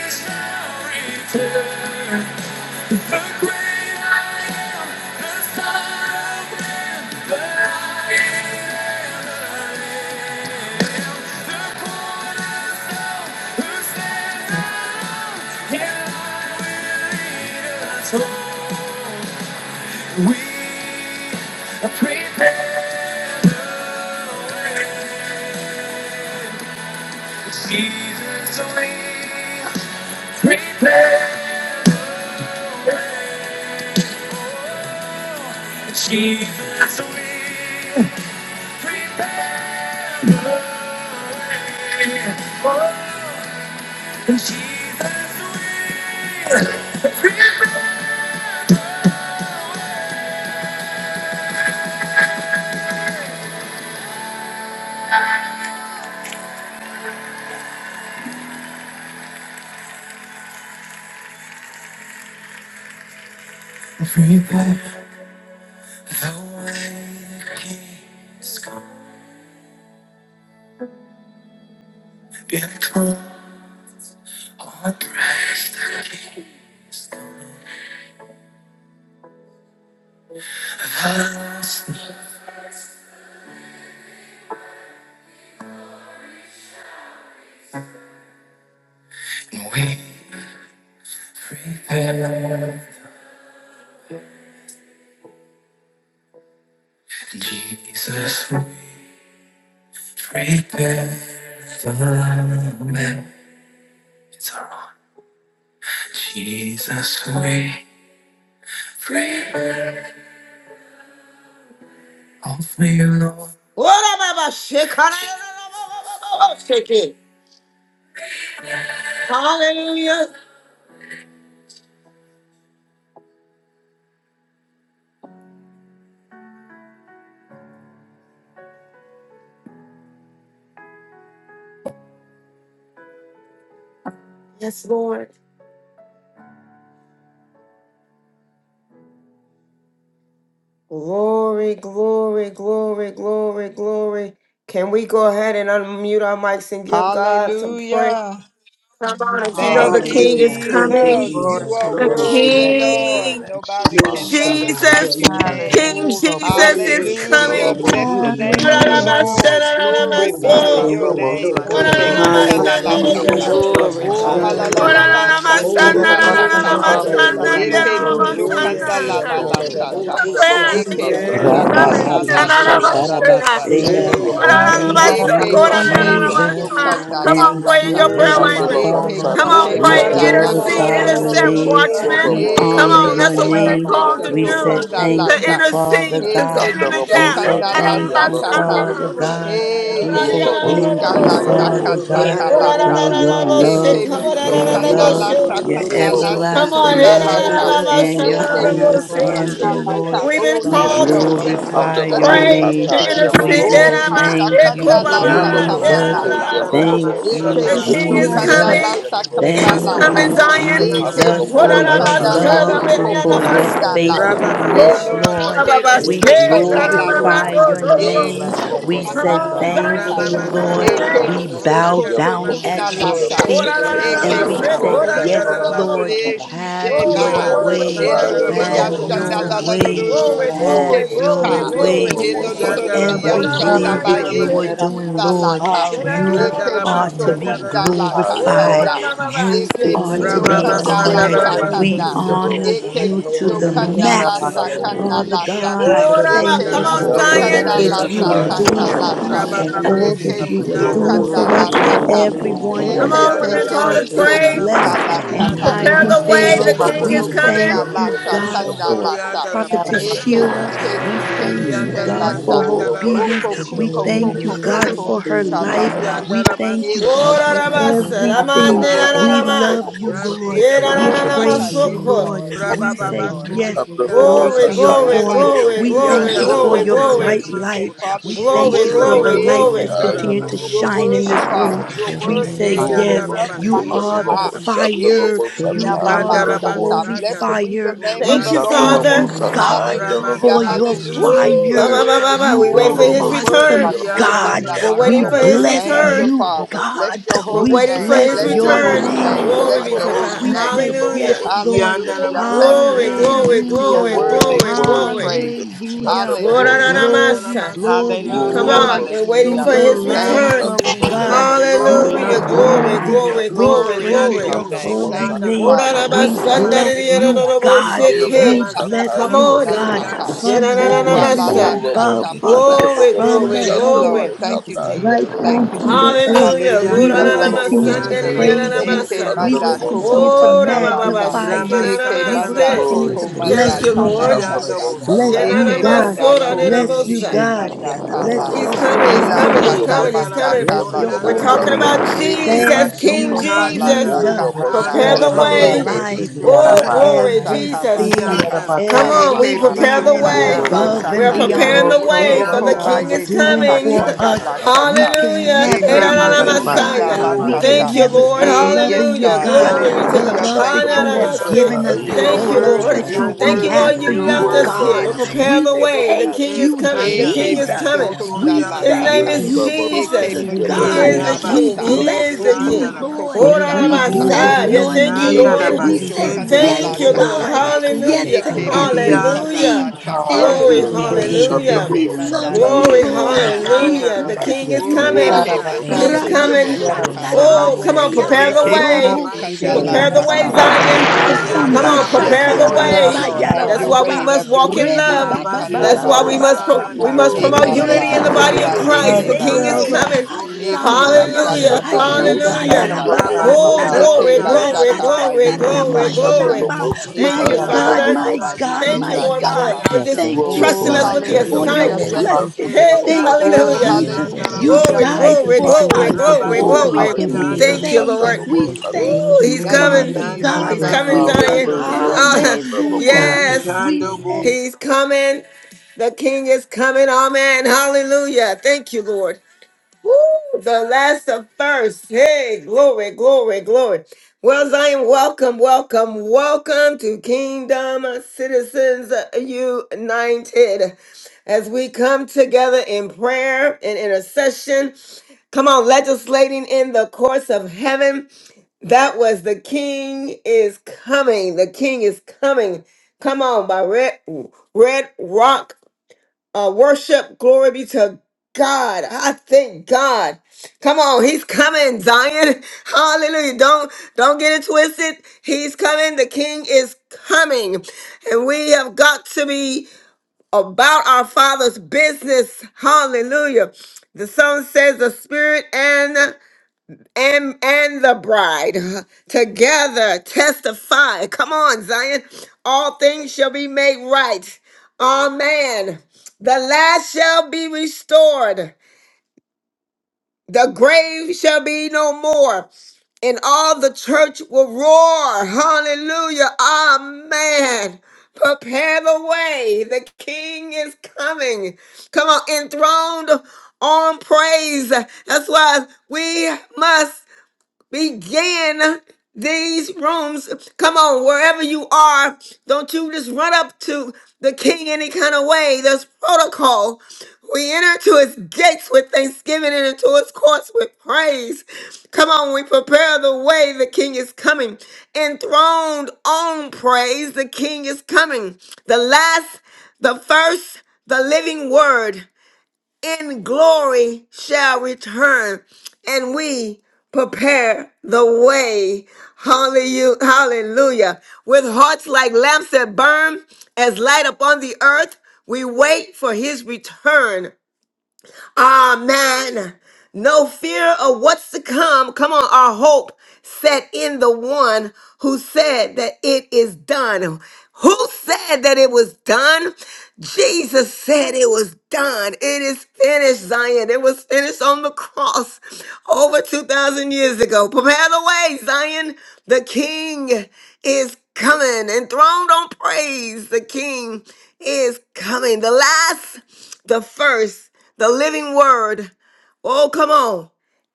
Speaker 1: glory shall return. The great I am. We are prepared. the Jesus, we prepare. the Jesus, we prepare. the Jesus, we prepare the way. Keeps Become our breath us and we prepare Jesus we prepare the moment it's our own Jesus we prepare all for you Lord Ora baba shekara, shake it. Hallelujah. Yes, Lord. Glory, glory, glory, glory, glory. Can we go ahead and unmute our mics and give God some praise?
Speaker 2: Hallelujah.
Speaker 1: Come on, if
Speaker 3: Hallelujah,
Speaker 1: you know
Speaker 4: Hallelujah.
Speaker 3: Lord
Speaker 1: the
Speaker 2: Thank you,
Speaker 3: Jesus.
Speaker 1: King is
Speaker 5: Hallelujah. Thank you,
Speaker 1: coming,
Speaker 2: Jesus.
Speaker 3: Glory
Speaker 2: You
Speaker 5: Jesus.
Speaker 3: to
Speaker 2: are
Speaker 1: the
Speaker 3: your
Speaker 5: Glory to your
Speaker 2: worthy,
Speaker 5: name,
Speaker 3: next.
Speaker 4: Hallelujah.
Speaker 2: Lord.
Speaker 5: God.
Speaker 1: King
Speaker 4: Thank you,
Speaker 2: Nobody
Speaker 5: You're an
Speaker 4: Father
Speaker 2: can
Speaker 5: awesome
Speaker 4: God.
Speaker 2: love us
Speaker 5: God.
Speaker 2: like
Speaker 5: You're a
Speaker 1: Jesus,
Speaker 2: you
Speaker 5: mighty
Speaker 2: can.
Speaker 5: God.
Speaker 3: Hallelujah,
Speaker 1: King
Speaker 3: Jesus.
Speaker 5: Oh,
Speaker 1: Jesus
Speaker 5: we
Speaker 1: is
Speaker 4: Olabosite
Speaker 5: worship you,
Speaker 2: Hallelujah.
Speaker 5: Lord,
Speaker 1: coming.
Speaker 5: in the
Speaker 2: Bless the
Speaker 5: beauty of
Speaker 2: name
Speaker 5: your
Speaker 2: of the
Speaker 3: Hallelujah,
Speaker 5: holiness,
Speaker 3: glory
Speaker 2: Lord.
Speaker 4: yellowobosandelobosatai.
Speaker 5: God.
Speaker 3: to your name,
Speaker 2: Glory
Speaker 5: Holy,
Speaker 2: be
Speaker 6: Yeah,
Speaker 2: to
Speaker 3: Jesus.
Speaker 5: holy,
Speaker 2: your
Speaker 5: holy,
Speaker 2: name.
Speaker 5: Lord God
Speaker 4: Yellowbosite
Speaker 2: Hoshe
Speaker 3: Lord,
Speaker 7: Glory,
Speaker 2: kinda
Speaker 5: Almighty,
Speaker 2: la
Speaker 7: hallelujah.
Speaker 2: la
Speaker 5: which
Speaker 3: bakandiri,
Speaker 8: Hallelujah.
Speaker 5: is,
Speaker 2: sata.
Speaker 3: yara,
Speaker 5: which was,
Speaker 7: Glory,
Speaker 5: and which
Speaker 4: yellowwobosandelobosatai
Speaker 2: Oh,
Speaker 3: bakandiri,
Speaker 5: are
Speaker 7: hallelujah.
Speaker 5: to come, God.
Speaker 2: halalalala
Speaker 4: yellowwobosite.
Speaker 5: Oh,
Speaker 2: sanda
Speaker 3: yara,
Speaker 5: Lord, we
Speaker 2: kata
Speaker 5: worship
Speaker 3: bakandiri,
Speaker 5: you,
Speaker 2: kanda.
Speaker 3: yara,
Speaker 5: Lord, in
Speaker 8: Dandarabashandirabasidirabasi.
Speaker 5: the
Speaker 4: Hallelujah.
Speaker 2: Eke
Speaker 5: beauty of your
Speaker 4: Glory
Speaker 3: bakandiri,
Speaker 4: to
Speaker 2: busho
Speaker 8: Oh,
Speaker 4: your
Speaker 8: yes,
Speaker 2: kanda
Speaker 5: holiness,
Speaker 2: la
Speaker 5: God.
Speaker 8: he's
Speaker 4: name,
Speaker 2: la la
Speaker 8: coming.
Speaker 4: Lord.
Speaker 5: Oh,
Speaker 2: sata.
Speaker 1: Come
Speaker 5: taste and
Speaker 1: on,
Speaker 5: see
Speaker 3: Kandi,
Speaker 2: Eke
Speaker 5: that the
Speaker 3: yara,
Speaker 4: Shandelobosatai.
Speaker 8: Yes,
Speaker 2: musha
Speaker 5: Lord
Speaker 8: Lord
Speaker 5: is
Speaker 2: kanda
Speaker 5: good and
Speaker 2: la
Speaker 8: Jesus.
Speaker 5: his
Speaker 3: bakandiri,
Speaker 2: taka
Speaker 5: mercies
Speaker 2: la la la
Speaker 4: Olabosite
Speaker 5: endure
Speaker 9: Rabababashakarabaseya.
Speaker 8: Hey,
Speaker 2: takata.
Speaker 5: forever, Lord.
Speaker 3: Hadi,
Speaker 9: Thank
Speaker 3: yara,
Speaker 9: you,
Speaker 2: Eke
Speaker 5: Though we
Speaker 3: bakara,
Speaker 4: yellowwoboshandelobosatai
Speaker 2: kike
Speaker 3: bakara,
Speaker 5: worship
Speaker 8: yandarabashandarabasa.
Speaker 2: busho
Speaker 9: Jesus.
Speaker 5: you, ah,
Speaker 2: kanda
Speaker 5: na,
Speaker 4: yellowwobosite.
Speaker 2: la
Speaker 5: na,
Speaker 9: Thank
Speaker 5: na,
Speaker 1: pray in
Speaker 5: na,
Speaker 9: you,
Speaker 2: sata.
Speaker 1: your
Speaker 5: bo,
Speaker 1: prayer
Speaker 5: she,
Speaker 8: Yes,
Speaker 5: ah,
Speaker 9: Heavenly
Speaker 1: language.
Speaker 8: he's
Speaker 5: da.
Speaker 2: Hey, ke
Speaker 8: coming.
Speaker 3: yara,
Speaker 9: Father.
Speaker 1: Come
Speaker 4: Handelobosata
Speaker 1: on,
Speaker 5: Yeah,
Speaker 2: kike
Speaker 5: da,
Speaker 9: We
Speaker 3: bakuri, yara, bakara, yara, Bakuri, yara, bakuri, yara, bakara, yara, bakara,
Speaker 5: da,
Speaker 1: pray,
Speaker 5: da,
Speaker 2: manda
Speaker 3: yara,
Speaker 5: da, da,
Speaker 2: la
Speaker 5: da, bo,
Speaker 1: intercede,
Speaker 2: shoko
Speaker 9: glorify
Speaker 5: yeah,
Speaker 4: yellowwobosite.
Speaker 5: da,
Speaker 9: your
Speaker 5: da,
Speaker 2: koko
Speaker 5: bo,
Speaker 1: intercept,
Speaker 2: ko.
Speaker 9: name.
Speaker 5: she, ah, da,
Speaker 1: watchmen.
Speaker 5: da,
Speaker 9: We
Speaker 5: da,
Speaker 4: Robo
Speaker 5: da, yeah,
Speaker 8: Ramasoriandarabasandaramasho.
Speaker 1: Come
Speaker 5: da,
Speaker 2: Hey,
Speaker 5: da,
Speaker 4: Santa
Speaker 9: honor
Speaker 1: on,
Speaker 5: da.
Speaker 9: your
Speaker 1: that's
Speaker 2: yeshe
Speaker 1: what
Speaker 4: Robo
Speaker 1: we've been
Speaker 9: name.
Speaker 2: kike
Speaker 5: Yeah,
Speaker 1: called
Speaker 5: do,
Speaker 1: to
Speaker 4: Sataya
Speaker 9: We
Speaker 2: kuto
Speaker 5: do, do,
Speaker 10: Thank
Speaker 1: do.
Speaker 9: say
Speaker 5: do,
Speaker 4: Robo
Speaker 5: do, bo,
Speaker 2: la
Speaker 9: thank
Speaker 4: Sita
Speaker 5: she,
Speaker 1: To
Speaker 2: sa.
Speaker 9: you,
Speaker 5: ah, da,
Speaker 9: Father
Speaker 5: da,
Speaker 1: intercede,
Speaker 5: da, da,
Speaker 2: Hey,
Speaker 1: to
Speaker 5: da,
Speaker 2: ke
Speaker 5: yeah,
Speaker 9: God.
Speaker 1: stand
Speaker 4: Santa
Speaker 1: in the
Speaker 5: da, da.
Speaker 2: busho
Speaker 4: Robo
Speaker 9: We
Speaker 1: gap.
Speaker 6: Yeah,
Speaker 9: say
Speaker 6: da
Speaker 2: kanda
Speaker 1: Come
Speaker 6: da
Speaker 2: la
Speaker 6: da da
Speaker 4: Sataya
Speaker 9: thank
Speaker 2: sa
Speaker 1: on,
Speaker 6: da
Speaker 9: you,
Speaker 5: Yeah, do,
Speaker 6: basha
Speaker 4: Robo
Speaker 2: taka.
Speaker 6: da
Speaker 5: do,
Speaker 9: Father
Speaker 5: bo,
Speaker 4: Sita
Speaker 6: borra
Speaker 5: she,
Speaker 9: God.
Speaker 5: ah,
Speaker 6: shet da
Speaker 2: Hey,
Speaker 6: da
Speaker 9: We
Speaker 6: da da
Speaker 9: say
Speaker 6: da
Speaker 5: da,
Speaker 2: yeko
Speaker 6: da
Speaker 4: Robo
Speaker 5: da, da. Yeah, na,
Speaker 9: thank
Speaker 5: na,
Speaker 4: Sita
Speaker 2: tunga
Speaker 6: basha da
Speaker 9: you,
Speaker 2: la
Speaker 5: na,
Speaker 4: Yellow
Speaker 6: borra.
Speaker 5: na, na, na,
Speaker 2: shaka
Speaker 4: Robo
Speaker 9: Father
Speaker 5: bo,
Speaker 6: Yeah,
Speaker 9: God,
Speaker 5: yeah,
Speaker 6: da
Speaker 2: taka
Speaker 4: Santa
Speaker 5: da,
Speaker 6: da
Speaker 5: da,
Speaker 6: da
Speaker 4: Robo
Speaker 6: da
Speaker 5: bo,
Speaker 2: lata.
Speaker 6: da
Speaker 9: for
Speaker 6: da
Speaker 5: she, ah,
Speaker 9: your
Speaker 5: da,
Speaker 6: basha
Speaker 5: da,
Speaker 6: da
Speaker 2: Hey,
Speaker 5: da,
Speaker 4: Sataya
Speaker 5: ma,
Speaker 2: ke
Speaker 5: na,
Speaker 9: love,
Speaker 4: Robo
Speaker 6: borra
Speaker 5: na.
Speaker 6: shet
Speaker 2: busho
Speaker 9: your
Speaker 6: da da da
Speaker 2: kanda
Speaker 5: Yeah,
Speaker 6: da
Speaker 9: love,
Speaker 6: da
Speaker 2: la
Speaker 5: do, do,
Speaker 2: sa
Speaker 5: do,
Speaker 6: da
Speaker 5: do,
Speaker 9: your
Speaker 5: do, bo,
Speaker 4: Sita
Speaker 2: kanda
Speaker 6: basha da
Speaker 5: bo, bo,
Speaker 2: la
Speaker 4: Robo
Speaker 5: yeah,
Speaker 6: borra.
Speaker 5: da,
Speaker 1: Come
Speaker 5: da,
Speaker 4: Sita
Speaker 5: bo,
Speaker 9: everlasting
Speaker 4: Yellow
Speaker 2: kandala la
Speaker 5: she,
Speaker 6: Yeah,
Speaker 9: love,
Speaker 5: ah,
Speaker 6: da
Speaker 2: sa.
Speaker 5: da,
Speaker 6: da
Speaker 4: Robo
Speaker 5: da,
Speaker 6: da da
Speaker 4: Santa
Speaker 6: da
Speaker 9: and
Speaker 6: da
Speaker 2: Hey,
Speaker 9: your
Speaker 2: ke
Speaker 4: Robo
Speaker 6: basha da
Speaker 1: on.
Speaker 2: busho
Speaker 6: borra
Speaker 4: Sataya
Speaker 2: kanda
Speaker 6: shet
Speaker 9: understanding,
Speaker 2: la
Speaker 6: da da
Speaker 9: Lord.
Speaker 4: Robo
Speaker 6: da
Speaker 2: sa.
Speaker 1: We've
Speaker 6: da
Speaker 1: been
Speaker 6: da
Speaker 2: Oh,
Speaker 6: da
Speaker 9: We
Speaker 2: yes,
Speaker 6: basha da
Speaker 2: Lord.
Speaker 1: called.
Speaker 6: borra.
Speaker 2: Yes, Lord.
Speaker 4: Santa
Speaker 9: glorify
Speaker 2: Bless
Speaker 9: your
Speaker 2: the
Speaker 4: Robo
Speaker 6: Yeah,
Speaker 1: Pray
Speaker 6: da da
Speaker 9: name.
Speaker 2: Jesus.
Speaker 1: to
Speaker 6: da da
Speaker 4: Sataya
Speaker 6: da
Speaker 9: We
Speaker 1: intercede.
Speaker 6: basha
Speaker 1: Eh,
Speaker 6: da
Speaker 4: Robo
Speaker 9: say
Speaker 2: Oh,
Speaker 1: nah,
Speaker 4: Sita
Speaker 1: bah,
Speaker 6: borra
Speaker 9: thank
Speaker 1: eh,
Speaker 6: shet da
Speaker 9: you,
Speaker 1: ko,
Speaker 6: da
Speaker 1: bah,
Speaker 6: da
Speaker 2: hashakandala
Speaker 5: Yeah,
Speaker 6: da
Speaker 1: bah,
Speaker 2: sa
Speaker 6: da
Speaker 5: da.
Speaker 4: Yellow
Speaker 1: bah,
Speaker 6: da da
Speaker 4: Robo
Speaker 1: eh,
Speaker 2: kama
Speaker 5: Yo
Speaker 1: nah,
Speaker 9: Jesus.
Speaker 2: la
Speaker 1: nah,
Speaker 4: Sita
Speaker 6: basha
Speaker 1: nah,
Speaker 6: da
Speaker 2: sa.
Speaker 1: nah,
Speaker 5: Oh,
Speaker 4: Yellow
Speaker 6: borra
Speaker 1: so.
Speaker 9: Thank
Speaker 6: shet
Speaker 4: Robo
Speaker 6: da da
Speaker 4: Santa
Speaker 9: you,
Speaker 6: da
Speaker 2: Eke
Speaker 5: taste
Speaker 1: The
Speaker 6: da da da
Speaker 1: king
Speaker 4: Robo
Speaker 2: busho
Speaker 1: is
Speaker 3: bakara, yara,
Speaker 6: basha.
Speaker 8: Yandarabasoriandarabasandarabasoria.
Speaker 2: kanda
Speaker 9: Jesus.
Speaker 1: coming.
Speaker 2: lata
Speaker 4: Sataya Robo
Speaker 6: Yeah, da
Speaker 2: sakamba
Speaker 6: da
Speaker 1: He's
Speaker 6: da
Speaker 4: Sita
Speaker 9: Thank
Speaker 6: da
Speaker 2: lata.
Speaker 6: da
Speaker 1: coming,
Speaker 9: you,
Speaker 6: da
Speaker 1: Zion.
Speaker 6: basha da
Speaker 2: Eke
Speaker 6: borra
Speaker 9: Jesus,
Speaker 1: Wo,
Speaker 4: Robo
Speaker 6: shet
Speaker 9: for
Speaker 2: busho
Speaker 1: da,
Speaker 6: da
Speaker 1: da,
Speaker 6: da
Speaker 9: your
Speaker 6: da
Speaker 1: bah,
Speaker 2: kanda
Speaker 1: so,
Speaker 4: Sataya
Speaker 9: love,
Speaker 1: da,
Speaker 2: lato
Speaker 8: Yandobosoriandarabasandirabaste.
Speaker 1: bah,
Speaker 4: Robo
Speaker 1: yeah,
Speaker 2: koko
Speaker 1: nah,
Speaker 9: for
Speaker 1: bah,
Speaker 4: Sita
Speaker 9: your
Speaker 2: kokunda
Speaker 1: so.
Speaker 2: la.
Speaker 6: da da da
Speaker 1: Wo,
Speaker 4: Hallelujah.
Speaker 9: faithfulness,
Speaker 6: basha.
Speaker 2: Elo
Speaker 1: da, bah,
Speaker 9: Lord.
Speaker 4: Yam
Speaker 1: bah,
Speaker 2: shike
Speaker 1: bah,
Speaker 9: We
Speaker 2: busho
Speaker 1: so,
Speaker 8: Rababasandarabasete
Speaker 6: Yeah,
Speaker 1: da,
Speaker 2: kanda
Speaker 6: da
Speaker 1: da,
Speaker 6: da
Speaker 2: la
Speaker 8: robosha.
Speaker 1: bah,
Speaker 6: da da
Speaker 2: sa.
Speaker 1: bah,
Speaker 6: da
Speaker 9: glorify
Speaker 1: so,
Speaker 6: ba
Speaker 9: your
Speaker 1: so,
Speaker 6: sha
Speaker 1: da,
Speaker 6: da da
Speaker 1: bah.
Speaker 2: Eki
Speaker 6: da
Speaker 9: name.
Speaker 6: sha da
Speaker 9: We
Speaker 2: kenda
Speaker 6: da
Speaker 1: Come
Speaker 6: da
Speaker 2: la
Speaker 9: say
Speaker 6: da da
Speaker 1: on,
Speaker 6: da ba
Speaker 2: shakata.
Speaker 9: thank
Speaker 1: Zion,
Speaker 6: sha
Speaker 9: you,
Speaker 6: na.
Speaker 1: let's
Speaker 8: Ramama
Speaker 1: bless
Speaker 9: Lord.
Speaker 1: his
Speaker 8: Sanda
Speaker 2: Eke
Speaker 1: name.
Speaker 9: We
Speaker 2: busho
Speaker 9: bow
Speaker 8: Rabasorianda
Speaker 2: koto
Speaker 9: down
Speaker 6: Yeah,
Speaker 2: kuna
Speaker 8: Ramasete.
Speaker 9: at
Speaker 5: and
Speaker 9: your
Speaker 6: yeah,
Speaker 5: see
Speaker 6: da
Speaker 2: lasha.
Speaker 5: that
Speaker 1: Wo,
Speaker 9: feet
Speaker 5: the
Speaker 1: da,
Speaker 6: da
Speaker 1: da,
Speaker 6: da
Speaker 5: Lord
Speaker 1: da,
Speaker 6: da
Speaker 1: da,
Speaker 8: Yanda
Speaker 6: da
Speaker 9: and
Speaker 1: bah,
Speaker 6: da
Speaker 2: Eke
Speaker 6: da
Speaker 9: we
Speaker 1: so,
Speaker 6: da
Speaker 2: kuko
Speaker 6: ba
Speaker 1: ko,
Speaker 9: said,
Speaker 1: da,
Speaker 6: sha
Speaker 1: da,
Speaker 6: da
Speaker 1: da,
Speaker 8: Rabosorianda
Speaker 6: da
Speaker 1: da,
Speaker 2: tuko
Speaker 9: Yes,
Speaker 1: da,
Speaker 2: la
Speaker 6: da
Speaker 2: la
Speaker 1: da,
Speaker 6: sha.
Speaker 2: la
Speaker 1: da.
Speaker 9: Lord,
Speaker 8: Ramasete.
Speaker 2: la
Speaker 9: have
Speaker 2: shishe
Speaker 5: is
Speaker 1: Glory,
Speaker 9: your
Speaker 2: ma.
Speaker 8: Rama
Speaker 1: glory,
Speaker 9: way.
Speaker 8: Sanda
Speaker 2: Elo
Speaker 1: glory,
Speaker 2: lo lo
Speaker 9: Have
Speaker 1: glory.
Speaker 2: yasha na
Speaker 8: Rabasorianda
Speaker 9: your
Speaker 2: la la
Speaker 8: Rabas.
Speaker 2: lo lo
Speaker 9: way.
Speaker 2: lo
Speaker 1: Glory, glory,
Speaker 2: shike
Speaker 9: Have
Speaker 1: glory,
Speaker 9: your
Speaker 2: buta.
Speaker 1: glory.
Speaker 9: way
Speaker 2: Elo lo
Speaker 9: for
Speaker 2: lo
Speaker 8: Yanda
Speaker 2: lo
Speaker 1: Wo, da,
Speaker 5: good. Glory,
Speaker 2: yasha
Speaker 3: bakara,
Speaker 1: bah,
Speaker 2: na
Speaker 1: bah,
Speaker 9: everything
Speaker 8: Rabasorianda
Speaker 2: ba
Speaker 9: that
Speaker 1: yeah,
Speaker 9: you are
Speaker 3: yara,
Speaker 2: eke
Speaker 1: king.
Speaker 8: Ramasete.
Speaker 9: doing,
Speaker 3: bakara,
Speaker 2: kuna
Speaker 5: glory,
Speaker 9: Lord.
Speaker 2: lata.
Speaker 1: Yeah, nah, nah, nah,
Speaker 9: You
Speaker 5: glory.
Speaker 8: Yanda
Speaker 1: nah,
Speaker 2: Eke
Speaker 1: nah, nah.
Speaker 9: are
Speaker 2: busho
Speaker 9: to
Speaker 5: Yeah,
Speaker 3: Bakara
Speaker 8: Rabasanda
Speaker 9: be
Speaker 2: kuna lata
Speaker 8: Rabosorianda
Speaker 1: Oh,
Speaker 9: glorified.
Speaker 1: da,
Speaker 2: kanda.
Speaker 1: da,
Speaker 8: Rabas.
Speaker 9: You
Speaker 2: Eke
Speaker 1: Yes.
Speaker 9: are to
Speaker 2: busho
Speaker 1: The
Speaker 11: Oraba
Speaker 9: be
Speaker 8: Ramama
Speaker 2: kuna
Speaker 1: king is
Speaker 8: Sanda
Speaker 11: shaka
Speaker 9: honored.
Speaker 2: lata
Speaker 8: Rabas.
Speaker 1: coming.
Speaker 11: believe
Speaker 9: We
Speaker 2: kanda.
Speaker 3: bakara
Speaker 9: honor
Speaker 2: Eke
Speaker 9: you to
Speaker 2: busho
Speaker 9: the
Speaker 2: kuna
Speaker 11: Ordinary city
Speaker 9: max.
Speaker 2: lasa kanda
Speaker 11: table.
Speaker 9: Father
Speaker 2: lasha.
Speaker 9: God,
Speaker 8: Yanda
Speaker 9: I
Speaker 1: Oh, da, da.
Speaker 9: thank
Speaker 2: Eke
Speaker 8: Ramasanda
Speaker 9: you
Speaker 1: Come on,
Speaker 9: for
Speaker 2: busho
Speaker 4: the
Speaker 9: all
Speaker 1: Zion.
Speaker 2: kuna
Speaker 8: Rabasorianda
Speaker 4: Lobos
Speaker 9: that
Speaker 11: Oh,
Speaker 9: you
Speaker 8: Rabas.
Speaker 2: lasa
Speaker 9: are
Speaker 11: yes,
Speaker 4: Ataya,
Speaker 9: doing
Speaker 4: the
Speaker 2: tanka
Speaker 9: for
Speaker 11: Father, for
Speaker 9: me
Speaker 2: lasha.
Speaker 4: Lobos,
Speaker 11: Father, you are
Speaker 9: all that
Speaker 11: so
Speaker 2: Heke
Speaker 9: you are
Speaker 11: good
Speaker 2: busho
Speaker 11: and you
Speaker 8: Rabababasorianda
Speaker 9: doing
Speaker 11: are
Speaker 4: Robots,
Speaker 2: kanda
Speaker 9: for
Speaker 11: so
Speaker 8: Rabas.
Speaker 4: Robots,
Speaker 9: us.
Speaker 2: la saka.
Speaker 4: Robots,
Speaker 9: Everyone
Speaker 11: Father,
Speaker 1: Come
Speaker 9: is
Speaker 2: Heke
Speaker 11: you
Speaker 1: on,
Speaker 11: are
Speaker 8: Yanda
Speaker 1: women,
Speaker 2: keke
Speaker 1: call
Speaker 11: so
Speaker 1: to
Speaker 11: good
Speaker 9: clubhouse
Speaker 2: kike
Speaker 9: is
Speaker 8: Ramasanda
Speaker 1: pray.
Speaker 2: kunda
Speaker 9: blessed
Speaker 2: la
Speaker 11: and
Speaker 9: and
Speaker 11: you are
Speaker 8: Rabasorianda
Speaker 2: shaka.
Speaker 1: Prepare
Speaker 9: highly
Speaker 1: the way.
Speaker 9: favored.
Speaker 1: The
Speaker 8: Rabasete.
Speaker 2: Heke
Speaker 1: king
Speaker 9: We
Speaker 1: is
Speaker 2: busho
Speaker 8: Rabas.
Speaker 1: coming.
Speaker 2: kunda
Speaker 9: thank
Speaker 2: la
Speaker 9: you, God,
Speaker 8: Robo
Speaker 2: shakanda
Speaker 9: for
Speaker 2: la sa.
Speaker 8: Sorianda
Speaker 9: prophetess
Speaker 2: Heke
Speaker 9: Sheila.
Speaker 2: kike
Speaker 9: We
Speaker 2: kike
Speaker 9: thank you,
Speaker 2: kike
Speaker 8: Yandala
Speaker 2: la
Speaker 9: God,
Speaker 11: so
Speaker 9: for
Speaker 2: sha.
Speaker 9: her
Speaker 5: yeah,
Speaker 8: masandala
Speaker 9: obedience.
Speaker 2: Hoko
Speaker 8: basore.
Speaker 9: We
Speaker 2: kuko
Speaker 5: yeah.
Speaker 9: thank you,
Speaker 2: koko
Speaker 9: God,
Speaker 2: koko
Speaker 9: for her
Speaker 2: tuka
Speaker 9: life.
Speaker 2: landa.
Speaker 5: Yeah,
Speaker 9: We
Speaker 8: Yandala
Speaker 9: thank you,
Speaker 2: Heke
Speaker 9: God,
Speaker 1: Oh,
Speaker 8: baseke.
Speaker 1: da,
Speaker 9: for
Speaker 1: da,
Speaker 2: busho
Speaker 1: da.
Speaker 2: kanda la
Speaker 4: Robots,
Speaker 1: Salaman,
Speaker 9: everything.
Speaker 1: da, da, da, da,
Speaker 9: We
Speaker 2: shakanda
Speaker 8: Yandala
Speaker 2: la
Speaker 1: ma.
Speaker 2: sha.
Speaker 9: love you,
Speaker 4: Robots,
Speaker 12: Yes,
Speaker 9: Lord.
Speaker 12: Lord.
Speaker 1: Yeah,
Speaker 8: bashandela
Speaker 2: Heke
Speaker 1: da,
Speaker 12: Thank you,
Speaker 1: da,
Speaker 9: We
Speaker 1: da,
Speaker 8: basi.
Speaker 1: da, ma,
Speaker 2: mashaka.
Speaker 9: praise
Speaker 12: Jesus.
Speaker 9: you,
Speaker 2: Yes,
Speaker 1: soko.
Speaker 9: Lord.
Speaker 2: Lord. Yes,
Speaker 9: We
Speaker 8: Rababa
Speaker 9: say
Speaker 12: Thank
Speaker 2: Lord.
Speaker 12: you,
Speaker 2: Thank
Speaker 8: basori
Speaker 9: yes.
Speaker 12: Father.
Speaker 2: you, Jesus.
Speaker 9: Lord,
Speaker 8: yandala
Speaker 1: Glory,
Speaker 9: to your
Speaker 8: bash.
Speaker 1: glory,
Speaker 2: Hashakanda ba
Speaker 9: calling.
Speaker 1: glory,
Speaker 9: We
Speaker 2: yeke.
Speaker 1: glory,
Speaker 9: thank you
Speaker 8: Yandala
Speaker 9: for
Speaker 1: glory,
Speaker 9: your
Speaker 1: glory.
Speaker 12: Thank
Speaker 8: masandala
Speaker 9: bright
Speaker 12: you,
Speaker 2: Okobiesike,
Speaker 9: light.
Speaker 8: masori yaba.
Speaker 2: Father,
Speaker 9: We
Speaker 12: Jesus.
Speaker 2: you are
Speaker 9: thank
Speaker 1: Glory,
Speaker 9: you for
Speaker 12: Yes,
Speaker 2: worthy.
Speaker 9: the
Speaker 1: glory,
Speaker 8: Rama
Speaker 2: Hey,
Speaker 12: Lord.
Speaker 9: light
Speaker 1: glory.
Speaker 9: that's
Speaker 12: Yes,
Speaker 2: Shike,
Speaker 8: masandala
Speaker 12: Lord.
Speaker 9: continuing to
Speaker 8: bas.
Speaker 2: you are
Speaker 9: shine in
Speaker 2: worthy,
Speaker 9: this
Speaker 2: Father.
Speaker 9: room.
Speaker 12: Glory
Speaker 2: You
Speaker 12: to
Speaker 2: are
Speaker 12: your
Speaker 9: We
Speaker 2: worthy.
Speaker 12: name,
Speaker 9: say,
Speaker 2: There
Speaker 8: Hey
Speaker 12: Father
Speaker 2: is
Speaker 9: Yes,
Speaker 2: none
Speaker 8: yandala
Speaker 2: other
Speaker 12: God.
Speaker 9: you
Speaker 2: like
Speaker 8: basori
Speaker 2: you.
Speaker 9: are the
Speaker 2: Ha.
Speaker 8: yandala bash.
Speaker 2: Yes,
Speaker 9: fire.
Speaker 12: Thank
Speaker 9: You
Speaker 12: you, Jesus.
Speaker 9: are the
Speaker 8: Ikandala
Speaker 2: Shikiyamabasata.
Speaker 4: Robots,
Speaker 9: holy
Speaker 2: Blessed
Speaker 8: basandala
Speaker 2: be the
Speaker 9: fire.
Speaker 2: name
Speaker 8: basori
Speaker 2: of
Speaker 9: We
Speaker 1: Thank
Speaker 2: the
Speaker 1: you,
Speaker 12: Thank
Speaker 8: yandala
Speaker 12: you,
Speaker 8: bas.
Speaker 2: Lord.
Speaker 12: Father
Speaker 9: thank
Speaker 1: Father.
Speaker 9: you,
Speaker 12: God.
Speaker 9: God,
Speaker 4: Shandalabosatai,
Speaker 8: Rama
Speaker 2: Hallelujah,
Speaker 9: for
Speaker 12: Jesus.
Speaker 9: your
Speaker 12: Yes,
Speaker 8: sandela
Speaker 12: Jesus.
Speaker 2: hallelujah.
Speaker 1: Woo.
Speaker 2: You
Speaker 1: Ba,
Speaker 2: are
Speaker 12: Yes,
Speaker 9: fire.
Speaker 1: ba,
Speaker 8: basori
Speaker 1: ba, ba,
Speaker 2: worthy,
Speaker 12: Jesus.
Speaker 1: ba.
Speaker 2: you
Speaker 8: yandala.
Speaker 2: are
Speaker 1: We
Speaker 9: You
Speaker 1: wait
Speaker 4: Oh,
Speaker 9: are
Speaker 1: for
Speaker 2: worthy,
Speaker 1: his
Speaker 2: you are worthy.
Speaker 1: return.
Speaker 9: awesome,
Speaker 2: He
Speaker 10: Thank
Speaker 8: Yandala
Speaker 9: God.
Speaker 12: Thank
Speaker 1: We're
Speaker 12: you,
Speaker 2: shakandalasa.
Speaker 9: We
Speaker 1: waiting
Speaker 12: Father
Speaker 1: for
Speaker 8: masandala
Speaker 1: his
Speaker 12: God.
Speaker 9: bless
Speaker 2: Thank
Speaker 8: basori.
Speaker 2: you,
Speaker 1: return.
Speaker 9: you.
Speaker 2: Father. Bless
Speaker 9: God,
Speaker 2: your
Speaker 1: We're
Speaker 2: holy
Speaker 9: we
Speaker 1: waiting for
Speaker 2: name.
Speaker 1: his
Speaker 8: Rama
Speaker 9: bless
Speaker 2: Bless your
Speaker 9: your
Speaker 12: Thank
Speaker 8: sandala
Speaker 2: holy
Speaker 1: return.
Speaker 12: you,
Speaker 9: name,
Speaker 2: name.
Speaker 8: basiki
Speaker 1: Glory
Speaker 12: Jesus.
Speaker 2: Bless
Speaker 1: be
Speaker 9: Father.
Speaker 2: your
Speaker 8: yandala
Speaker 1: to
Speaker 2: holy
Speaker 8: bash.
Speaker 1: God.
Speaker 9: We
Speaker 2: name.
Speaker 9: say, Yes,
Speaker 1: Hallelujah.
Speaker 9: Lord.
Speaker 2: Hallelujah.
Speaker 8: Yandaraba
Speaker 2: Thank you,
Speaker 1: Glory,
Speaker 12: Thank
Speaker 2: Jesus.
Speaker 1: glory,
Speaker 8: Suryandaraba.
Speaker 2: You are
Speaker 1: glory,
Speaker 9: Hallelujah.
Speaker 2: worthy
Speaker 1: glory,
Speaker 2: to be
Speaker 4: glory to
Speaker 1: glory.
Speaker 4: your
Speaker 12: you,
Speaker 2: praised.
Speaker 4: name.
Speaker 12: Jesus.
Speaker 9: Hallelujah.
Speaker 12: You
Speaker 1: Lord,
Speaker 12: better put
Speaker 2: Hallelujah.
Speaker 12: me
Speaker 4: Shandalabosita.
Speaker 12: in a
Speaker 9: Glory,
Speaker 8: Yandaraba
Speaker 12: second place. Thank
Speaker 9: glory,
Speaker 12: you,
Speaker 1: Come
Speaker 2: Hallelujah.
Speaker 8: Suryandaraba.
Speaker 1: on.
Speaker 9: glory
Speaker 1: We're
Speaker 4: Rulabosita.
Speaker 1: waiting
Speaker 9: to
Speaker 2: Hallelujah.
Speaker 1: for
Speaker 9: the
Speaker 1: his
Speaker 9: Lamb
Speaker 8: Rama
Speaker 2: Thank
Speaker 1: return.
Speaker 2: you,
Speaker 9: of
Speaker 8: Sete de
Speaker 9: God.
Speaker 2: Jesus.
Speaker 8: Robo
Speaker 4: Yalabosandalabosata.
Speaker 9: You
Speaker 2: Glory
Speaker 9: are
Speaker 1: Hallelujah.
Speaker 2: to your
Speaker 8: Suryandaraba.
Speaker 1: Glory,
Speaker 2: name.
Speaker 4: Yalabos-
Speaker 9: worthy.
Speaker 1: glory,
Speaker 9: We
Speaker 1: glory,
Speaker 2: Glory to
Speaker 9: praise
Speaker 1: glory.
Speaker 2: your
Speaker 9: your
Speaker 8: Yandobo
Speaker 2: name.
Speaker 9: holy
Speaker 2: Thank you,
Speaker 4: Shandalabosata.
Speaker 8: Suryandaraba.
Speaker 9: name.
Speaker 2: Father.
Speaker 9: We
Speaker 2: Hoshikikemanda.
Speaker 8: Yandaraba
Speaker 9: bless
Speaker 8: Sete.
Speaker 9: you, God.
Speaker 4: I'm the
Speaker 1: Orarabasandaririararoboseke.
Speaker 9: We
Speaker 8: Rama
Speaker 4: most
Speaker 9: bless
Speaker 1: Come
Speaker 9: you,
Speaker 8: Sandarabo
Speaker 1: on.
Speaker 9: God,
Speaker 2: Ebasakamandataka.
Speaker 4: high,
Speaker 8: Suryandaraba.
Speaker 12: Jesus.
Speaker 9: from the
Speaker 2: Oh,
Speaker 11: Yes,
Speaker 9: heavens
Speaker 11: Father.
Speaker 2: alala
Speaker 1: Shenananamasa.
Speaker 4: All of
Speaker 9: above,
Speaker 4: us
Speaker 12: Thank you,
Speaker 4: eat
Speaker 9: Father,
Speaker 4: yellow
Speaker 12: Jesus.
Speaker 1: Glory,
Speaker 2: shatamandala.
Speaker 12: Yes,
Speaker 9: from
Speaker 4: robots
Speaker 1: glory,
Speaker 9: the
Speaker 4: and
Speaker 2: Yes,
Speaker 4: the
Speaker 9: heaven
Speaker 2: Lord.
Speaker 1: glory.
Speaker 4: robots
Speaker 9: above.
Speaker 2: Thank you,
Speaker 4: at
Speaker 9: Right
Speaker 2: Jesus.
Speaker 4: yellow
Speaker 2: Thank
Speaker 9: down
Speaker 2: you,
Speaker 4: robots.
Speaker 9: to
Speaker 2: Jesus.
Speaker 9: the earth,
Speaker 1: Hallelujah.
Speaker 12: Lord.
Speaker 9: we
Speaker 2: Hallelujah.
Speaker 9: will
Speaker 8: Yandaba
Speaker 2: Thank
Speaker 4: All
Speaker 2: you,
Speaker 4: of
Speaker 9: continue
Speaker 4: us
Speaker 2: Jesus.
Speaker 9: to
Speaker 4: eat
Speaker 12: Hallelujah.
Speaker 8: Suryandaraba.
Speaker 4: yellow
Speaker 9: praise you.
Speaker 8: Shede
Speaker 4: robots
Speaker 2: Heke
Speaker 8: de
Speaker 1: Loranamasandaririranaramasa.
Speaker 4: and
Speaker 9: We
Speaker 4: the
Speaker 12: Yes,
Speaker 8: Robo
Speaker 9: will
Speaker 2: manda
Speaker 4: robots
Speaker 12: Jesus.
Speaker 8: Surya.
Speaker 4: at
Speaker 2: koko
Speaker 9: continue to
Speaker 2: manda
Speaker 4: yellow
Speaker 2: lasa.
Speaker 4: robots.
Speaker 9: magnify
Speaker 8: Rama
Speaker 9: you.
Speaker 2: Heke
Speaker 9: We will
Speaker 2: manda
Speaker 8: Sandaraba
Speaker 1: Orabababashekeranamase.
Speaker 9: continue
Speaker 4: Glory
Speaker 12: Yes,
Speaker 9: to
Speaker 2: koko
Speaker 8: Sete.
Speaker 4: to your
Speaker 12: Lord.
Speaker 1: Thank
Speaker 2: manda
Speaker 4: name.
Speaker 9: bless
Speaker 1: you,
Speaker 9: you,
Speaker 12: Thank
Speaker 2: kala
Speaker 12: you,
Speaker 1: Lord.
Speaker 4: Shandal
Speaker 9: God.
Speaker 2: chata.
Speaker 12: Jesus.
Speaker 8: Yandobo
Speaker 4: robots
Speaker 9: Bless
Speaker 4: at
Speaker 9: you,
Speaker 2: Heke
Speaker 4: yellow
Speaker 8: Suryandaraba.
Speaker 9: God.
Speaker 2: manda
Speaker 4: robots.
Speaker 2: kolo
Speaker 9: Bless you,
Speaker 1: Shenanamasoraniramosa.
Speaker 2: shike
Speaker 9: God.
Speaker 2: manda
Speaker 1: Woo,
Speaker 4: All
Speaker 2: kala.
Speaker 9: Bless
Speaker 1: He's
Speaker 4: of
Speaker 9: your
Speaker 4: us
Speaker 1: coming,
Speaker 9: holy
Speaker 1: he's
Speaker 4: eat
Speaker 2: Hela
Speaker 1: coming,
Speaker 9: name.
Speaker 4: yellow
Speaker 1: he's
Speaker 8: E
Speaker 2: shaka
Speaker 1: coming,
Speaker 4: robots,
Speaker 1: he's
Speaker 2: manda
Speaker 8: Yadaraba
Speaker 4: eat
Speaker 1: coming.
Speaker 4: yellow
Speaker 9: Bless
Speaker 2: kala
Speaker 9: your
Speaker 1: We're
Speaker 4: robots
Speaker 9: holy
Speaker 2: shaka.
Speaker 4: and
Speaker 1: talking
Speaker 8: Suryandaraba.
Speaker 4: the
Speaker 9: name.
Speaker 1: about
Speaker 4: robots.
Speaker 2: Heke
Speaker 1: Jesus,
Speaker 9: Thank
Speaker 2: basho
Speaker 1: King
Speaker 9: you,
Speaker 2: komba
Speaker 1: Jesus.
Speaker 2: lasa
Speaker 10: you.
Speaker 4: All
Speaker 8: Ikandaraba
Speaker 9: Jesus,
Speaker 4: of us
Speaker 2: kamanda.
Speaker 1: Prepare
Speaker 9: for
Speaker 4: eat
Speaker 1: the
Speaker 3: bakara bakara
Speaker 8: Sandaraba.
Speaker 4: yellow
Speaker 9: our
Speaker 1: way.
Speaker 2: Heke
Speaker 4: robots and
Speaker 9: life,
Speaker 2: busho
Speaker 4: the
Speaker 9: for
Speaker 1: Oh,
Speaker 2: kanda
Speaker 4: robots
Speaker 3: bakara
Speaker 1: glory,
Speaker 2: lasa
Speaker 4: at yellow
Speaker 2: kaba
Speaker 1: Jesus.
Speaker 9: everything,
Speaker 4: robots.
Speaker 2: shaka.
Speaker 1: Come
Speaker 3: Ikiarabakara
Speaker 1: on,
Speaker 9: everything
Speaker 1: we
Speaker 2: Heke
Speaker 3: bakara
Speaker 1: prepare
Speaker 2: busho
Speaker 1: the
Speaker 9: and
Speaker 3: bakara
Speaker 2: kanda
Speaker 1: way.
Speaker 4: All
Speaker 3: ba.
Speaker 4: of
Speaker 8: Iandarabasotoriandarabashe.
Speaker 4: us
Speaker 9: above
Speaker 2: lasa
Speaker 1: We are
Speaker 9: and
Speaker 4: eat
Speaker 2: kanda.
Speaker 4: yellow
Speaker 9: beyond
Speaker 1: preparing the
Speaker 4: robots
Speaker 3: Okoro
Speaker 1: way
Speaker 4: and
Speaker 9: that
Speaker 1: for
Speaker 4: the
Speaker 1: the
Speaker 9: you
Speaker 2: Hoko
Speaker 3: bakara
Speaker 9: are
Speaker 1: King
Speaker 4: robots
Speaker 1: is
Speaker 2: baye
Speaker 4: eat
Speaker 3: bakara
Speaker 9: doing
Speaker 4: yellow
Speaker 2: kipa
Speaker 1: coming.
Speaker 9: for
Speaker 5: Thank
Speaker 2: tunga
Speaker 5: you,
Speaker 3: bakandara
Speaker 4: robots
Speaker 9: us.
Speaker 2: la
Speaker 4: and
Speaker 3: ba.
Speaker 5: Jesus.
Speaker 4: the
Speaker 8: Iandarabasotoriandarabashe.
Speaker 9: We
Speaker 4: robots.
Speaker 2: shaka.
Speaker 9: can
Speaker 1: Hallelujah.
Speaker 9: never
Speaker 2: Heke
Speaker 1: Erarara
Speaker 9: repay
Speaker 2: busho
Speaker 9: you, God.
Speaker 4: I'm
Speaker 9: God.
Speaker 2: kanda
Speaker 1: Messiah.
Speaker 5: Hallelujah.
Speaker 3: Ikiarabakara
Speaker 2: la
Speaker 3: ba.
Speaker 5: Hallelujah.
Speaker 9: We can
Speaker 2: sata.
Speaker 1: Thank
Speaker 4: Rollabus,
Speaker 1: you,
Speaker 9: never
Speaker 8: Rabasotoriandarabashe.
Speaker 1: Lord.
Speaker 9: stop
Speaker 2: Hey,
Speaker 4: Yavabus,
Speaker 9: loving
Speaker 2: yes,
Speaker 9: you,
Speaker 1: Hallelujah.
Speaker 5: Thank
Speaker 2: God.
Speaker 5: you,
Speaker 9: God.
Speaker 1: Glory be to
Speaker 9: The
Speaker 2: Hallelujah.
Speaker 1: God.
Speaker 9: love
Speaker 2: Thank
Speaker 9: that
Speaker 2: you,
Speaker 9: you
Speaker 1: Hanarara
Speaker 4: Shandalabus,
Speaker 9: have
Speaker 2: Jesus.
Speaker 9: given us,
Speaker 2: You
Speaker 8: Iandaramasandamaseke.
Speaker 2: are
Speaker 9: the
Speaker 1: Thank you,
Speaker 9: love
Speaker 4: Ayavabus,
Speaker 2: worthy.
Speaker 1: Lord.
Speaker 9: that
Speaker 2: You are
Speaker 9: you we
Speaker 1: Thank you,
Speaker 2: worthy.
Speaker 9: have
Speaker 1: Lord.
Speaker 9: for
Speaker 1: You've
Speaker 2: You are
Speaker 9: you,
Speaker 1: left us
Speaker 2: worthy.
Speaker 1: here
Speaker 2: Hey,
Speaker 8: Yandobosoriandarabas.
Speaker 9: God.
Speaker 1: to
Speaker 4: Rollabus,
Speaker 1: prepare
Speaker 9: We
Speaker 1: the
Speaker 2: Shekike
Speaker 1: way. The
Speaker 2: Mana.
Speaker 9: thank
Speaker 1: King
Speaker 4: Yavabus,
Speaker 1: is
Speaker 9: you,
Speaker 1: coming.
Speaker 2: Hey,
Speaker 1: The
Speaker 4: Shandalabus,
Speaker 1: King
Speaker 2: Ke
Speaker 1: is
Speaker 9: Jesus.
Speaker 1: coming.
Speaker 9: We
Speaker 2: Bishokunda
Speaker 1: His name
Speaker 8: Ekandarabasotoriandarabas.
Speaker 9: thank
Speaker 2: Lasaka.
Speaker 1: is
Speaker 9: you,
Speaker 2: Hey,
Speaker 4: Yavabus,
Speaker 2: Ke
Speaker 1: Jesus.
Speaker 9: Father
Speaker 1: He
Speaker 12: Yes,
Speaker 4: Yavabus,
Speaker 9: God.
Speaker 1: is the
Speaker 12: Lord.
Speaker 2: Machokunda
Speaker 12: Thank
Speaker 9: We
Speaker 1: King.
Speaker 12: you,
Speaker 2: Lasa.
Speaker 1: He
Speaker 4: Shandalabus,
Speaker 1: is
Speaker 9: bless
Speaker 1: the
Speaker 12: Jesus.
Speaker 2: Oko
Speaker 9: you,
Speaker 1: King.
Speaker 2: Shiko
Speaker 9: Lord.
Speaker 8: Eyabasotoriandarabashe.
Speaker 2: Kunda
Speaker 1: Ora
Speaker 9: We
Speaker 2: Lasa
Speaker 9: bless
Speaker 2: Kanda.
Speaker 4: Rollabus,
Speaker 9: your
Speaker 1: Thank
Speaker 4: i
Speaker 1: you,
Speaker 2: Hey,
Speaker 9: name.
Speaker 2: Ke
Speaker 1: Lord.
Speaker 9: We
Speaker 2: Busho
Speaker 9: said
Speaker 8: Nandarabasete
Speaker 2: Kanda
Speaker 9: yes,
Speaker 1: Thank
Speaker 4: Shandalabus,
Speaker 1: you,
Speaker 2: Lata
Speaker 1: Lord.
Speaker 12: Hallelujah,
Speaker 8: yebosha.
Speaker 9: God.
Speaker 2: Kanda.
Speaker 12: Jesus.
Speaker 9: Yes
Speaker 12: Yes,
Speaker 2: Hey,
Speaker 4: Ayavabus.
Speaker 9: to
Speaker 1: Hallelujah.
Speaker 2: Ke
Speaker 12: Lord.
Speaker 2: Busho
Speaker 12: Thank you,
Speaker 2: Kama
Speaker 12: Father
Speaker 1: Hallelujah.
Speaker 9: everything.
Speaker 12: God.
Speaker 2: Lata Kama
Speaker 1: Glory,
Speaker 2: Lata.
Speaker 8: Iandarabasandarabas.
Speaker 4: Hallelujah,
Speaker 9: Everything.
Speaker 2: Hey,
Speaker 1: hallelujah.
Speaker 9: We
Speaker 2: Ke
Speaker 4: Shandalabus,
Speaker 9: love
Speaker 2: Manda
Speaker 9: you,
Speaker 1: Glory,
Speaker 2: Koko
Speaker 9: Lord.
Speaker 8: Hey,
Speaker 4: Atayavabus,
Speaker 2: Manda
Speaker 9: We
Speaker 5: Jesus.
Speaker 2: Koko
Speaker 1: hallelujah. The
Speaker 2: Manda.
Speaker 8: yandarabas,
Speaker 1: King
Speaker 9: bless
Speaker 1: is
Speaker 12: Yes,
Speaker 5: Hallelujah.
Speaker 9: you,
Speaker 12: Lord.
Speaker 2: He
Speaker 9: God.
Speaker 1: coming.
Speaker 3: Kara
Speaker 2: ke
Speaker 4: Rollabus,
Speaker 5: Thank
Speaker 8: oriandarabas,
Speaker 2: manda
Speaker 5: you,
Speaker 3: bakora
Speaker 1: He's
Speaker 2: koko
Speaker 1: coming.
Speaker 2: manda
Speaker 3: besiara
Speaker 4: Yavabus,
Speaker 3: bakora.
Speaker 1: Oh,
Speaker 2: kalashi.
Speaker 1: come
Speaker 8: rabo
Speaker 1: on,
Speaker 4: Shandalabus,
Speaker 9: Rabashatarabaseya
Speaker 1: prepare the
Speaker 2: Eke
Speaker 5: Jesus.
Speaker 1: way.
Speaker 2: bisho
Speaker 4: Atayavabus,
Speaker 2: kanda
Speaker 9: Roboshe
Speaker 8: soriandarabashand,
Speaker 2: la
Speaker 3: Okoro
Speaker 5: Yeah,
Speaker 1: Prepare
Speaker 12: Thank you,
Speaker 1: the
Speaker 2: saka
Speaker 1: way,
Speaker 12: Father.
Speaker 3: bakara
Speaker 9: Hasamba
Speaker 3: ba.
Speaker 1: Zion.
Speaker 2: bashaka.
Speaker 1: Come
Speaker 9: Hasamba
Speaker 2: Oh,
Speaker 1: on,
Speaker 4: Rollabus,
Speaker 8: yandarabas,
Speaker 2: yes,
Speaker 1: prepare the
Speaker 2: Lord.
Speaker 4: Yavabus,
Speaker 3: Ikiara
Speaker 2: Yes,
Speaker 9: Shatarabasa
Speaker 1: way.
Speaker 2: Lord.
Speaker 3: bakara
Speaker 2: Have
Speaker 1: That's
Speaker 2: your
Speaker 1: why
Speaker 8: oriandarabash,
Speaker 4: Shandalabus,
Speaker 1: we
Speaker 2: way.
Speaker 9: Yarabasa
Speaker 3: bakara
Speaker 1: must
Speaker 2: Have
Speaker 3: ba.
Speaker 2: your
Speaker 1: walk in
Speaker 2: way.
Speaker 9: Reba
Speaker 1: love.
Speaker 2: Hishe
Speaker 9: Baba
Speaker 2: kanda
Speaker 1: That's
Speaker 3: Kara
Speaker 9: Baba
Speaker 4: Yellow
Speaker 1: why we
Speaker 4: boss,
Speaker 9: Baba
Speaker 3: bakara
Speaker 1: must
Speaker 2: basata.
Speaker 1: pro- we
Speaker 3: bakara
Speaker 9: Shamba
Speaker 8: rabasotoriandarab,
Speaker 1: must
Speaker 4: yellow
Speaker 1: promote
Speaker 2: Heke
Speaker 3: bakara
Speaker 4: boss,
Speaker 12: Yes,
Speaker 3: ba.
Speaker 1: unity
Speaker 12: Lord.
Speaker 9: Reba
Speaker 1: in the
Speaker 2: boshoko
Speaker 1: body
Speaker 4: yellow
Speaker 1: of
Speaker 2: ba
Speaker 4: boss,
Speaker 1: Christ.
Speaker 8: hey,
Speaker 1: The
Speaker 2: yeke
Speaker 4: and
Speaker 1: King
Speaker 4: the
Speaker 1: is
Speaker 9: Seterebese
Speaker 3: Akiaba.
Speaker 2: basata.
Speaker 8: yandobo
Speaker 4: boss,
Speaker 1: coming.
Speaker 12: He
Speaker 2: Heke
Speaker 12: is
Speaker 9: Hashambaya
Speaker 12: coming.
Speaker 1: Hallelujah.
Speaker 2: bashaka
Speaker 8: soriandaramase,
Speaker 4: and
Speaker 2: ba
Speaker 4: the
Speaker 12: Thank
Speaker 3: Ikiara
Speaker 12: you,
Speaker 2: yeke
Speaker 4: boss,
Speaker 12: Jesus.
Speaker 9: Hashambaya
Speaker 1: Hallelujah.
Speaker 3: bakara
Speaker 4: yellow
Speaker 2: bashata.
Speaker 3: bakara
Speaker 1: Oh,
Speaker 4: boss,
Speaker 3: bakara
Speaker 9: Rabasatara
Speaker 4: and
Speaker 3: ba.
Speaker 1: glory,
Speaker 2: Heke
Speaker 4: the boss,
Speaker 1: glory,
Speaker 2: bashaka ba
Speaker 1: glory,
Speaker 8: rabasotoriandaramase,
Speaker 2: yeke
Speaker 9: Ratatata
Speaker 1: glory,
Speaker 4: and
Speaker 2: bashata.
Speaker 9: Shamba,
Speaker 1: glory.
Speaker 4: the
Speaker 9: Shamba.
Speaker 4: boss,
Speaker 1: Thank
Speaker 9: My
Speaker 1: you,
Speaker 2: Heke
Speaker 3: Ikiara
Speaker 9: God,
Speaker 4: yellow
Speaker 1: Father.
Speaker 2: mashaka
Speaker 3: bakara
Speaker 9: my
Speaker 4: boss,
Speaker 2: ba
Speaker 8: yandaramasa
Speaker 9: God,
Speaker 3: ba.
Speaker 1: Thank
Speaker 2: yeke
Speaker 1: you,
Speaker 9: my
Speaker 8: tarabo
Speaker 1: Lord, for,
Speaker 9: God.
Speaker 2: bayaka.
Speaker 1: for
Speaker 12: Yes,
Speaker 1: just
Speaker 8: soriandaram,
Speaker 12: Lord.
Speaker 9: Thank
Speaker 4: roller
Speaker 9: you,
Speaker 12: Yes,
Speaker 1: trusting
Speaker 2: Oh,
Speaker 12: Lord.
Speaker 4: boss,
Speaker 1: us
Speaker 9: God,
Speaker 1: with the
Speaker 12: Thank you,
Speaker 9: for
Speaker 4: yellow
Speaker 9: your
Speaker 2: hallelujah.
Speaker 1: assignment.
Speaker 3: Ikiara
Speaker 12: Jesus.
Speaker 4: boss,
Speaker 2: Thank you,
Speaker 4: and
Speaker 9: blessing.
Speaker 4: the
Speaker 2: Jesus.
Speaker 8: hey,
Speaker 1: Hey,
Speaker 4: boss,
Speaker 3: bakara
Speaker 9: Thank you,
Speaker 3: ba.
Speaker 2: Oh,
Speaker 1: hallelujah.
Speaker 12: Thank
Speaker 9: Jesus.
Speaker 4: yellow
Speaker 12: you,
Speaker 7: Thank
Speaker 4: boss.
Speaker 9: You
Speaker 8: yandaramasandarabas,
Speaker 2: hallelujah.
Speaker 1: Glory,
Speaker 2: Thank
Speaker 8: soria,
Speaker 9: died
Speaker 2: you,
Speaker 1: glory,
Speaker 12: Lord.
Speaker 9: for
Speaker 2: Father.
Speaker 1: glory,
Speaker 9: us
Speaker 1: glory,
Speaker 9: so
Speaker 4: Oh,
Speaker 2: Oh,
Speaker 3: Yes,
Speaker 9: we
Speaker 1: glory.
Speaker 9: can be
Speaker 4: hallelujah,
Speaker 12: Thank you,
Speaker 1: Thank you,
Speaker 2: hallelujah.
Speaker 8: rabasotoriandarabash,
Speaker 9: saved.
Speaker 4: Shanda
Speaker 2: Thank
Speaker 1: Lord.
Speaker 12: Jesus.
Speaker 2: you,
Speaker 9: We
Speaker 12: Yes,
Speaker 4: Babosa.
Speaker 1: Woo,
Speaker 2: Jesus.
Speaker 12: Lord.
Speaker 9: thank you,
Speaker 1: he's
Speaker 2: Thank
Speaker 8: Hey,
Speaker 2: you,
Speaker 1: coming.
Speaker 9: Father
Speaker 8: yanda
Speaker 2: Jesus.
Speaker 8: la
Speaker 9: God.
Speaker 1: He's
Speaker 12: Yes,
Speaker 2: Thank
Speaker 1: coming,
Speaker 2: you,
Speaker 9: We
Speaker 8: masi
Speaker 12: Lord.
Speaker 7: you.
Speaker 9: said
Speaker 1: Zion.
Speaker 8: yanda
Speaker 2: Jesus.
Speaker 8: la
Speaker 2: Thank
Speaker 4: Hallelujah,
Speaker 2: you,
Speaker 8: bosor.
Speaker 1: Ah,
Speaker 2: Jesus.
Speaker 4: Shanda
Speaker 9: hallelujah.
Speaker 12: Thank
Speaker 8: We
Speaker 12: you,
Speaker 1: yes,
Speaker 12: Father
Speaker 8: can
Speaker 9: We
Speaker 8: do bo.
Speaker 9: said
Speaker 12: God.
Speaker 1: he's coming. The king is coming. Amen. Hallelujah. Thank you, Lord. Woo, the last of first. Hey, glory, glory, glory. Well, Zion, welcome, welcome, welcome to Kingdom Citizens United. As we come together in prayer and intercession, come on, legislating in the courts of heaven. That was the King is coming. The King is coming. Come on, by Red, Red Rock uh, worship. Glory be to God. I thank God. Come on, He's coming, Zion. Hallelujah. Don't don't get it twisted. He's coming. The King is coming, and we have got to be about our Father's business. Hallelujah. The song says, "The Spirit and and and the bride together testify come on zion all things shall be made right amen the last shall be restored the grave shall be no more and all the church will roar hallelujah amen prepare the way the king is coming come on enthroned on praise that's why we must Begin these rooms. Come on, wherever you are, don't you just run up to the king any kind of way. There's protocol. We enter to his gates with thanksgiving and into his courts with praise. Come on, we prepare the way. The king is coming. Enthroned on praise, the king is coming. The last, the first, the living word in glory shall return, and we prepare the way. Hallelu- Hallelujah. With hearts like lamps that burn as light upon the earth, we wait for his return. Amen. No fear of what's to come. Come on, our hope set in the one who said that it is done. Who said that it was done? Jesus said it was done. It is finished, Zion. It was finished on the cross over 2,000 years ago. Prepare the way, Zion. The King is coming, enthroned on praise. The King is coming. The last the first, the living word. Oh, come on.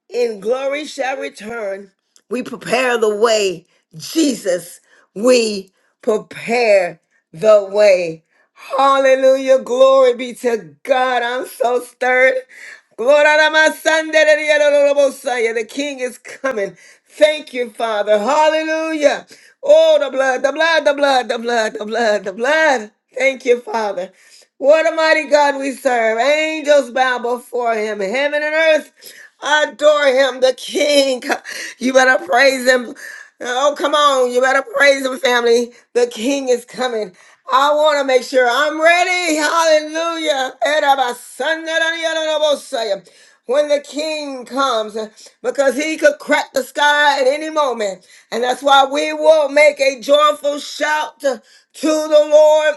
Speaker 1: In glory shall return. We prepare the way. Jesus, we prepare the way. Hallelujah. Glory be to God. I'm so stirred. Glory to my son. The king is coming. Thank you, Father. Hallelujah. Oh, the blood, the blood, the blood, the blood, the blood, the blood. Thank you, Father. What a mighty God we serve. Angels bow before him. Heaven and earth adore him, the King. You better praise him. Oh, come on. You better praise him, family. The King is coming. I want to make sure I'm ready. Hallelujah. Erabasandarayanarabosaya. When the king comes, because he could crack the sky at any moment. And that's why we will make a joyful shout to the Lord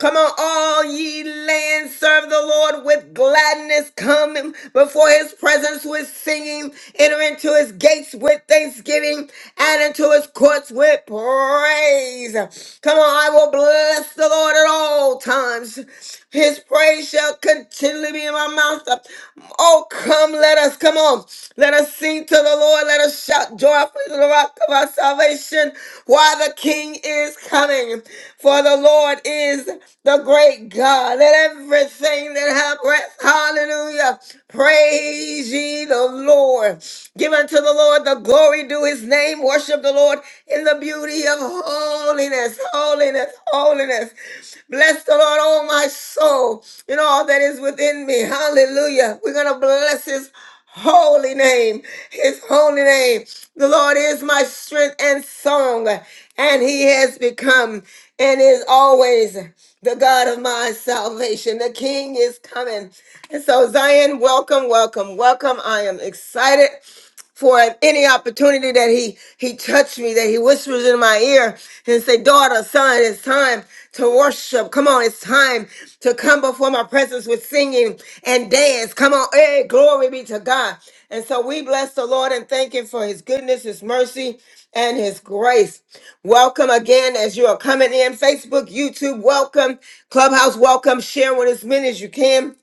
Speaker 1: Come on, all ye land, serve the Lord with gladness. Come before his presence with singing. Enter into his gates with thanksgiving and into his courts with praise. Come on, I will bless the Lord at all times. His praise shall continually be in my mouth. Oh, come, let us, come on. Let us sing to the Lord. Let us shout joyfully to the rock of our salvation while the King is coming. For the Lord is the great God. Let everything that have breath, Hallelujah. Praise ye the Lord. Give unto the Lord the glory due his name. Worship the Lord in the beauty of holiness, holiness, holiness. Bless the Lord, oh my soul, and all that is within me. Hallelujah. We're going to bless his holy name. His holy name. The Lord is my strength and song, and he has become and is always the God of my salvation. The King is coming. And so, Zion, welcome, welcome, welcome. I am excited for any opportunity that he he touched me, that he whispers in my ear and say, "Daughter, son, it's time to worship. Come on, it's time to come before my presence with singing and dance. Come on, hey, glory be to God." And so we bless the Lord and thank Him for His goodness, His mercy, and His grace. Welcome again as you are coming in. Facebook, YouTube, welcome. Clubhouse, welcome. Share with as many as you can.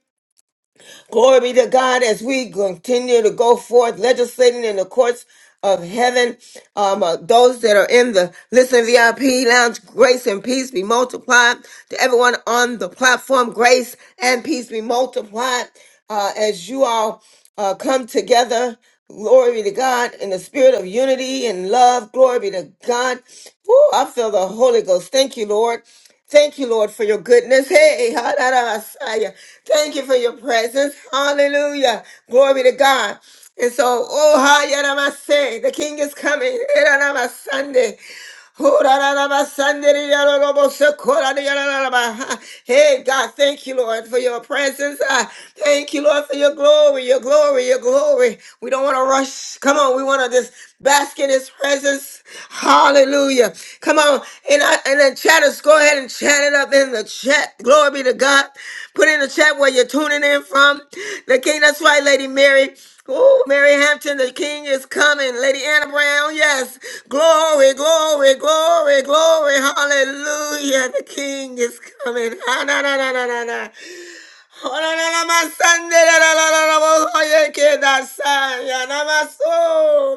Speaker 1: Glory be to God as we continue to go forth legislating in the courts of heaven. Um, uh, those that are in the Listen VIP lounge, grace and peace be multiplied. To everyone on the platform, grace and peace be multiplied. Uh, as you all uh, come together, glory be to God in the spirit of unity and love. Glory be to God. Woo, I feel the Holy Ghost. Thank you, Lord. Thank you, Lord, for your goodness. Hey, Messiah. Thank you for your presence. Hallelujah. Glory to God. And so, oh, Messiah, the King is coming. Sunday. Hey, God, thank you, Lord, for your presence. Ah, Thank you, Lord, for your glory, your glory, your glory. We don't want to rush. Come on, we want to just bask in his presence. Hallelujah. Come on, and I, and the chatters, go ahead and chat it up in the chat. Glory be to God. Put in the chat where you're tuning in from. The King, that's right, Lady Mary. Oh, Mary Hampton, the king is coming. Lady Anna Brown, yes. Glory, glory, glory, glory. Hallelujah. The king is coming. Ah, na, na, na, na, na, na.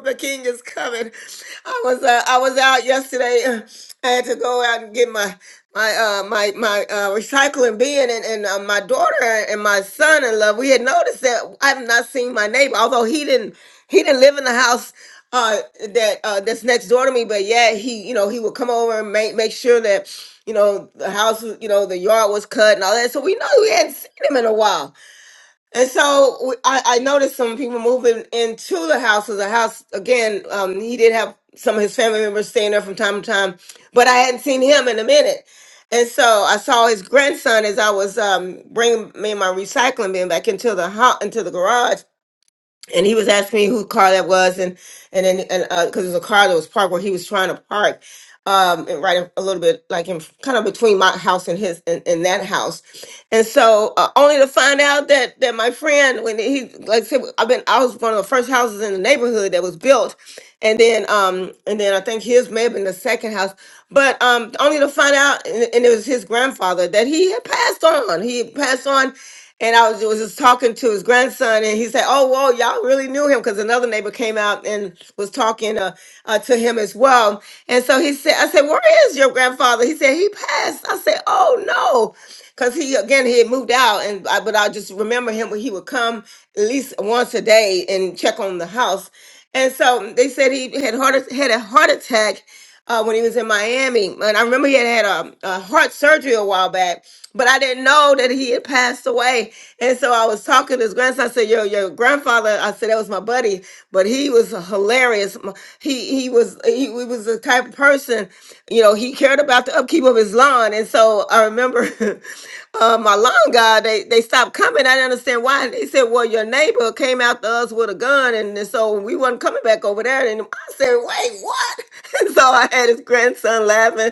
Speaker 1: The king is coming. I was uh, I was out yesterday. uh, I had to go out and get my my uh my my uh recycling bin and, and uh, my daughter and my son in love. We had noticed that I've not seen my neighbor, although he didn't he didn't live in the house uh that uh that's next door to me but yeah he you know he would come over and make make sure that you know, the house, was- you know, the yard was cut and all that. So we know we hadn't seen him in a while. And so we, I, I noticed some people moving into the house. So the house, again, um, he did have some of his family members staying there from time to time, but I hadn't seen him in a minute. And so I saw his grandson as I was um, bringing me and my recycling bin back into the house, into the garage and he was asking me whose car that was, and and then and because it was a car that was parked where he was trying to park, um, and right in- a little bit like in kind of between my house and his and, and that house, and so uh, only to find out that that my friend when he like I said I've been I was one of the first houses in the neighborhood that was built, and then um and then I think his may have been the second house, but um only to find out and, and it was his grandfather that he had passed on. He had passed on and I was, was just talking to his grandson, and he said, "Oh, whoa, y'all really knew him," because another neighbor came out and was talking uh, uh, to him as well. And so he said, "I said, where is your grandfather?" He said, "He passed." I said, "Oh no." Cause he again he had moved out and I, but I just remember him when he would come at least once a day and check on the house, and so they said he had heart had a heart attack uh, when he was in Miami. And I remember he had had a, a heart surgery a while back but I didn't know that he had passed away. And so I was talking to his grandson. I said, "Yo, your grandfather." I said, "That was my buddy, but he was hilarious. M- He he was he, he was the type of person, you know, he cared about the upkeep of his lawn." And so I remember uh, my lawn guy. They they stopped coming. I didn't understand why. They said, "Well, your neighbor came after us with a gun, and, and so we wasn't coming back over there." And I said, "Wait, what?" And so I had his grandson laughing.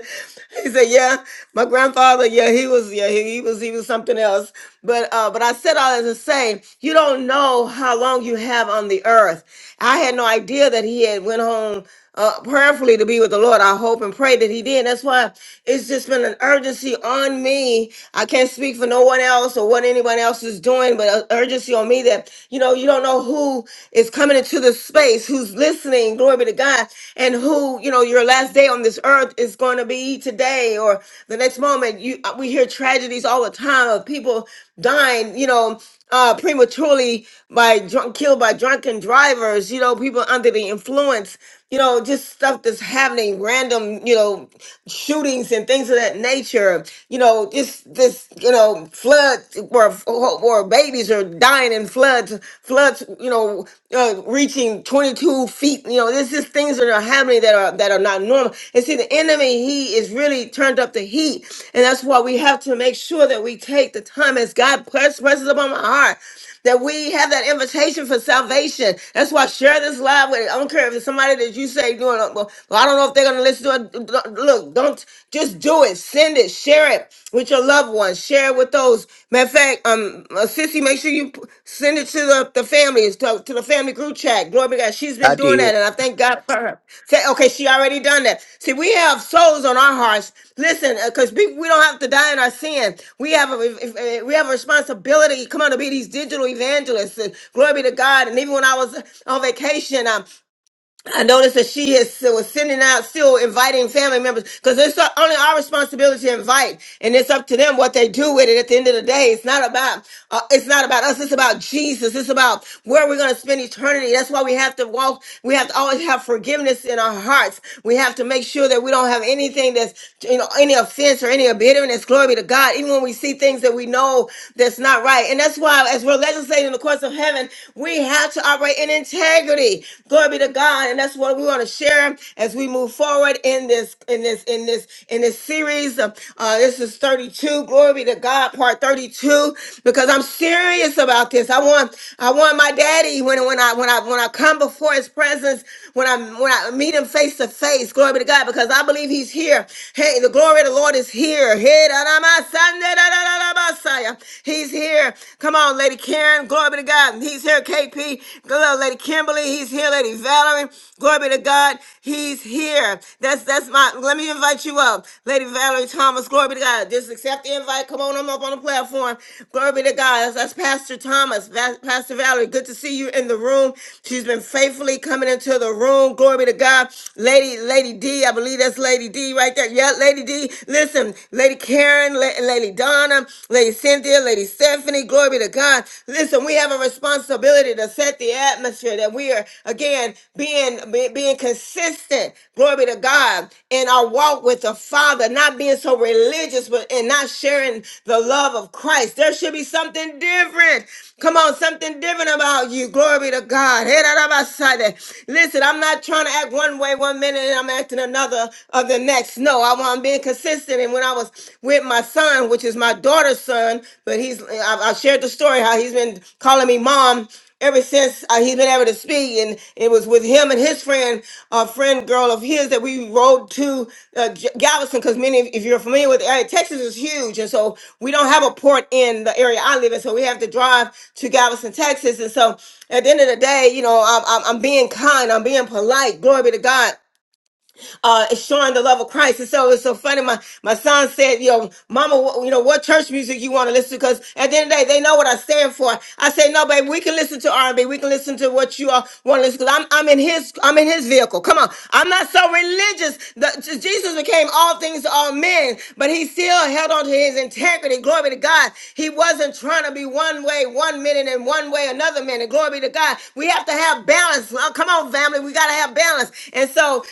Speaker 1: He said, "Yeah." My grandfather, yeah, he was, yeah, he, he was, he was something else. But, uh, but I said all that to say, you don't know how long you have on the earth. I had no idea that he had went home uh, prayerfully to be with the Lord. I hope and pray that he did. That's why. It's just been an urgency on me. I can't speak for no one else or what anyone else is doing, but an urgency on me that, you know, you don't know who is coming into this space, who's listening, glory be to God, and who, you know, your last day on this earth is going to be today or the next moment. You uh, We hear tragedies all the time of people dying, you know, uh, prematurely by drunk, killed by drunken drivers, you know, people under the influence, you know, just stuff that's happening, random, you know, shootings and things of that nature, you know, just this, you know, floods where, where babies are dying in floods, floods, you know, uh, reaching 22 feet, you know, this is things that are happening that are that are not normal. And see, the enemy he is really turned up the heat, and that's why we have to make sure that we take the time as God press, presses upon my heart that we have that invitation for salvation. That's why share this live with. I don't care if it's somebody that you say doing. Well, well, I don't know if they're gonna listen to it. Look, don't just do it. Send it. Share it with your loved ones. Share share with those. Matter of fact, um, uh, Sissy, make sure you p- send it to the, the families, to, to the family group chat. Glory be to God. She's been
Speaker 12: I
Speaker 1: doing
Speaker 12: did.
Speaker 1: that, and I thank God for her. Say, okay, she already done that. See, we have souls on our hearts. Listen, because we, we don't have to die in our sin. We have a if- if- eh, we have a responsibility. Come on, to be these digital evangelists. And glory be to God. And even when I was on vacation, um, I noticed that she is was sending out, still inviting family members, because it's only our responsibility to invite, and it's up to them what they do with it. At the end of the day, it's not about uh, it's not about us. It's about Jesus. It's about where we're going to spend eternity. That's why we have to walk. We have to always have forgiveness in our hearts. We have to make sure that we don't have anything that's you know any offense or any bitterness. Glory be to God. Even when we see things that we know that's not right, and that's why as we're legislating the courts of heaven, we have God, to operate in integrity. Glory be to God. And that's what we want to share as we move forward in this, in this, in this, in this series. Of, uh, this is 32. Glory be to God, part 32. Because I'm serious about this. I want, I want my daddy when when I when I when I come before his presence, when I when I meet him face to face. Glory be to God. Because I believe he's here. Hey, the glory of the Lord is here. Hey, da da ma sa ne da da da da ba sa ya. He's here. Come on, Lady Karen. Glory be to God. He's here, KP. Hello, Lady Kimberly. He's here, Lady Valerie. Glory be to God. He's here. That's that's my. Let me invite you up, Lady Valerie Thomas. Glory be to God. Just accept the invite. Come on, I'm up on the platform. Glory be to God. That's, that's Pastor Thomas, Va- Pastor Valerie. Good to see you in the room. She's been faithfully coming into the room. Glory be to God, Lady Lady D. I believe that's Lady D right there. Yeah, Lady D. Listen, Lady Karen. La- Lady, Lady Donna, Lady Cynthia, Lady Stephanie. Glory be to God. Listen, we have a responsibility to set the atmosphere that we are again being be- being consistent. Glory be to God in our walk with the Father, not being so religious, but and not sharing the love of Christ. There should be something different. Come on, something different about you. Glory be to God. Hey, da, da, ba, sa, da. Listen, I'm not trying to act one way one minute and I'm acting another of the next. No, I want about why I'm being consistent. And when I was with my son, which is my daughter's son, but he's I, I shared the story how he's been calling me mom ever since uh, he's been able to speak. And it was with him and his friend, a friend girl of his, that we rode to uh, J- Galveston. Because many, if you're familiar with the area, Texas is huge. And so we don't have a port in the area I live in. So we have to drive to Galveston, Texas. And so at the end of the day, you know, I'm, I'm, I'm being kind, I'm being polite. Glory be to God uh, is showing the love of Christ. And so it's so funny. My, my son said, yo, mama, wh- you know, what church music you want to listen to? Because at the end of the day, they know what I stand for. I say, no, babe, we can listen to R&B. We can listen to what you all want to listen to. I'm, I'm in his, I'm in his vehicle. Come on. I'm not so religious. The, J- Jesus became all things to all men, but he still held on to his integrity. Glory be to God. He wasn't trying to be one way one minute and one way another minute. Glory be to God. We have to have balance. Oh, come on, family. We got to have balance. And so,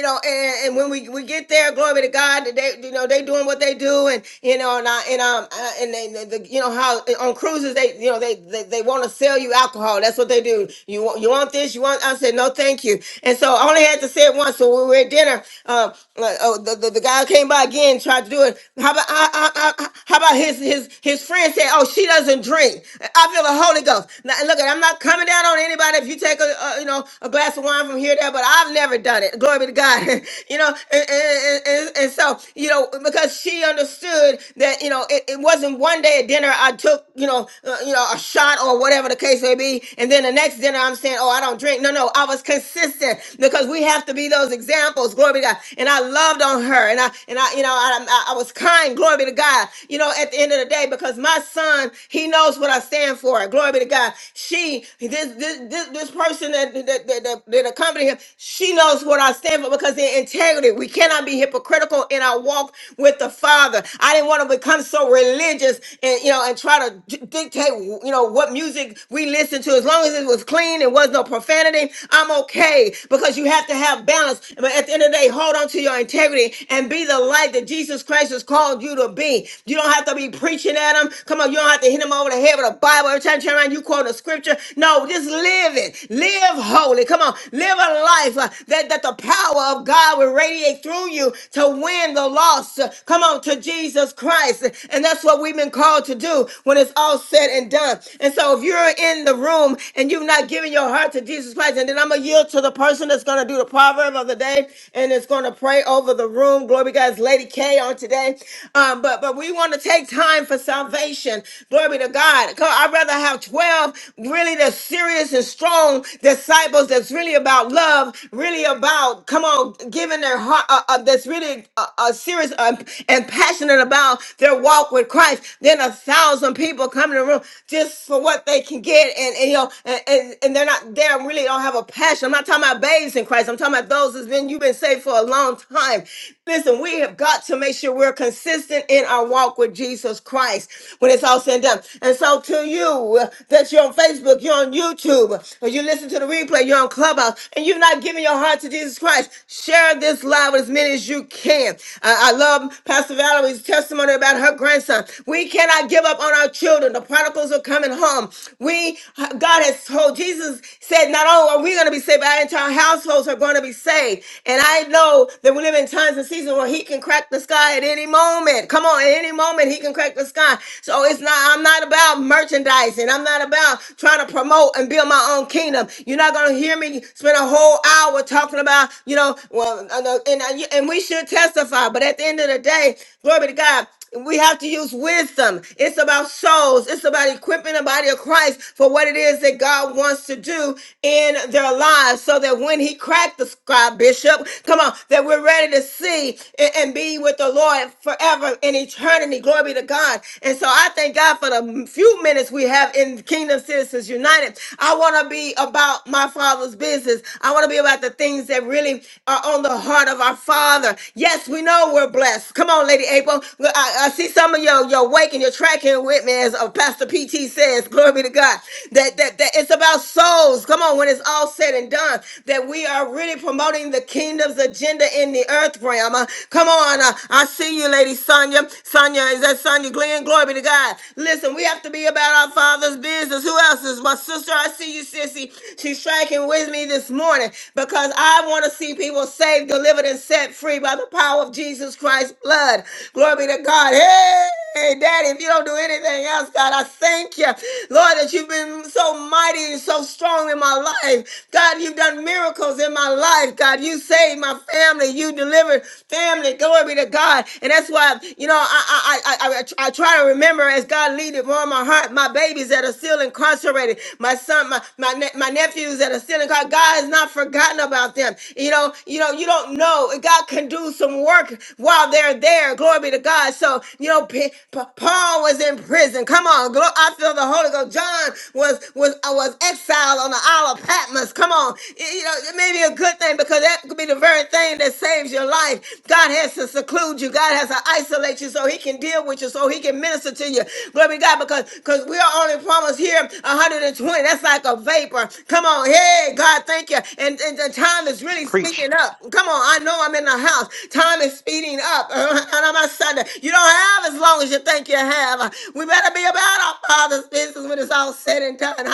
Speaker 1: you know, and, and when we, we get there, glory to God, that they, you know, they doing what they do, and you know, and I, and um, uh, and they, they- the, you know how on cruises they, you know, they they, they want to sell you alcohol. That's what they do. You want you want this? You want? I said no, thank you. And so I only had to say it once. So we were at dinner. Um, like, oh, the, the, the guy came by again, tried to do it. How about I, I, I, how about his his his friend said, oh, she doesn't drink. I feel the Holy Ghost. Now, look, I'm not coming down on anybody. If you take a, a you know a glass of wine from here or there, but I've never done it. Glory Glory be to God. you know, and, and, and, and so, you know, because she understood that, you know, it, it wasn't one day at dinner I took, you know, uh, you know, a shot or whatever the case may be. And then the next dinner I'm saying, oh, I don't drink. No, no, I was consistent because we have to be those examples. Glory be to God. And I loved on her and I, and I, you know, I, I I was kind. Glory be to God. You know, at the end of the day, because my son, he knows what I stand for. Glory be to God. She, this, this, this, this person that, that, that, that, that accompanied him, she knows what I stand for because they're integrity. We cannot be hypocritical in our walk with the Father. I didn't want to become so religious and you know and try to d- dictate you know what music we listen to. As long as it was clean, it was no profanity. I'm okay because you have to have balance. But at the end of the day, hold on to your integrity and be the light that Jesus Christ has called you to be. You don't have to be preaching at them. Come on, you don't have to hit them over the head with a Bible every time you turn around. You quote a scripture. No, just live it. Live holy. Come on, live a life uh, that declared that the power of God will radiate through you to win the lost. Come on, to Jesus Christ. And that's what we've been called to do when it's all said and done. And so if you're in the room and you've not given your heart to Jesus Christ, and then I'm going to yield to the person that's going to do the proverb of the day and it's going to pray over the room. Glory be to God, it's Lady K on today. Um, but, but we want to take time for salvation. Glory be to God. God, I'd rather have 12 really that's serious and strong disciples that's really about love, Really really about, come on, giving their heart, uh, uh, that's really uh, uh, serious uh, and passionate about their walk with Christ, then a thousand people come in the room just for what they can get. And, and you know, and, and, and they're not there, really don't have a passion. I'm not talking about babes in Christ. I'm talking about those that's been, you've been saved for a long time. Listen, we have got to make sure we're consistent in our walk with Jesus Christ when it's all said and done. And so to you uh, that you're on Facebook, you're on YouTube, or you listen to the replay, you're on Clubhouse, and you're not giving giving your heart to Jesus Christ, share this live with as many as you can. I, I love Pastor Valerie's testimony about her grandson. We cannot give up on our children. The prodigals are coming home. We, God has told Jesus said, not only are we going to be saved, but our entire households are going to be saved. And I know that we live in times and seasons where He can crack the sky at any moment. Come on, at any moment He can crack the sky. So it's not. I'm not about merchandising. I'm not about trying to promote and build my own kingdom. You're not going to hear me spend a whole whole hour talking about, you know, well, uh, uh, and, uh, you- and we should testify, but at the end of the day, glory to God, we have to use wisdom. It's about souls. It's about equipping the body of Christ for what it is that God wants to do in their lives so that when he cracked the sky, Bishop, come on, that we're ready to see and, and be with the Lord forever in eternity. Glory be to God. And so I thank God for the few minutes we have in Kingdom Citizens United. I want to be about my Father's business. I want to be about the things that really are on the heart of our Father. Yes, we know we're blessed. Come on, Lady April. Well, I, I see some of your your wake and your tracking with me, as uh, Pastor PT says. Glory be to God. That, that that it's about souls. Come on, when it's all said and done, that we are really promoting the kingdom's agenda in the earth realm. Uh, come on, uh, I see you, Lady Sonia. Sonia, is that Sonia Glenn? Glory be to God. Listen, we have to be about our Father's business. Who else is my sister? I see you, sissy. She's tracking with me this morning because I want to see people saved, delivered, and set free by the power of Jesus Christ's blood. Glory be to God. Hey, Daddy, if you don't do anything else, God, I thank you, Lord, that you've been so mighty and so strong in my life. God, you've done miracles in my life. God, you saved my family. You delivered family. Glory be to God. And that's why, you know, I I I, I, I try to remember as God lead it on my heart, my babies that are still incarcerated, my son, my my, ne- my nephews that are still incarcerated about God has not forgotten about them. You know, you know, you don't know. God can do some work while they're there. Glory be to God. So, you know, P- P- Paul was in prison. Come on. Glo- I feel the Holy Ghost. John was was uh, was exiled on the Isle of Patmos. Come on. Y- You know, it may be a good thing because that could be the very thing that saves your life. God has to seclude you. God has to isolate you so he can deal with you, so he can minister to you. Glory be to God because because we are only promised here 120. That's like a vapor. Come on. Hey, Hey, God, thank you. And, and the time is really
Speaker 13: Preach.
Speaker 1: speeding up. Come on, I know I'm in the house. Time is speeding up. And I'm a Sunday. You don't have as long as you think you have. We better be about our Father's business when it's all said and done. Sunday.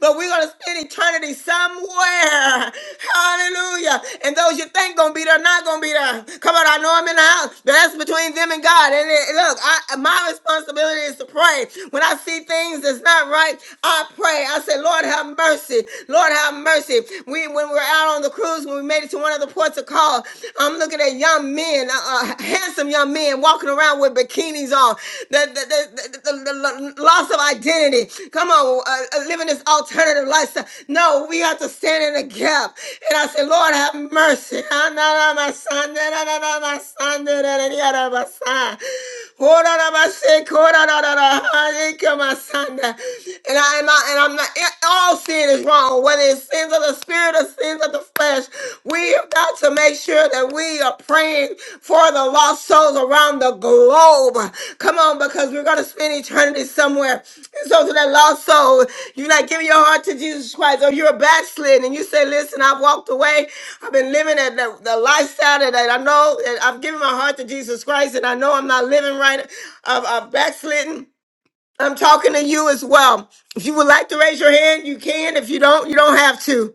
Speaker 1: But we're going to spend eternity somewhere. Hallelujah. And those you think going to be there, not going to be there. Come on, I know I'm in the house. But that's between them and God. And it, look, I, my responsibility is to pray. When I see things that's not right, I pray. I say, Lord, have mercy. Lord, have mercy. We, when we're out on the cruise, when we made it to one of the ports of call, I'm looking at young men, uh, uh, handsome young men walking around with bikinis on. The, the, the, the, the- the loss of identity. Come on, uh, uh, living this alternative lifestyle. No, we have to stand in the gap. And I say, Lord, have mercy. Ah, na, na, my son, na, na, na, na, my son, na, na, na, na, na, my son. Oh, na, na, my son, oh, na, na, na, na. Ikamasanda. And I am not, and I'm not all sin is wrong, whether it's sins of the spirit or sins of the flesh. We have got to make sure that we are praying for the lost souls around the globe. Come on, because we're gonna spend eternity somewhere. And so to that lost soul, you're not giving your heart to Jesus Christ, or you're backslidden, and you say, Listen, I've walked away, I've been living at the, the lifestyle that I know that I've given my heart to Jesus Christ, and I know I'm not living right, I've, I've backslidden I'm talking to you as well. If you would like to raise your hand, you can. If you don't, you don't have to.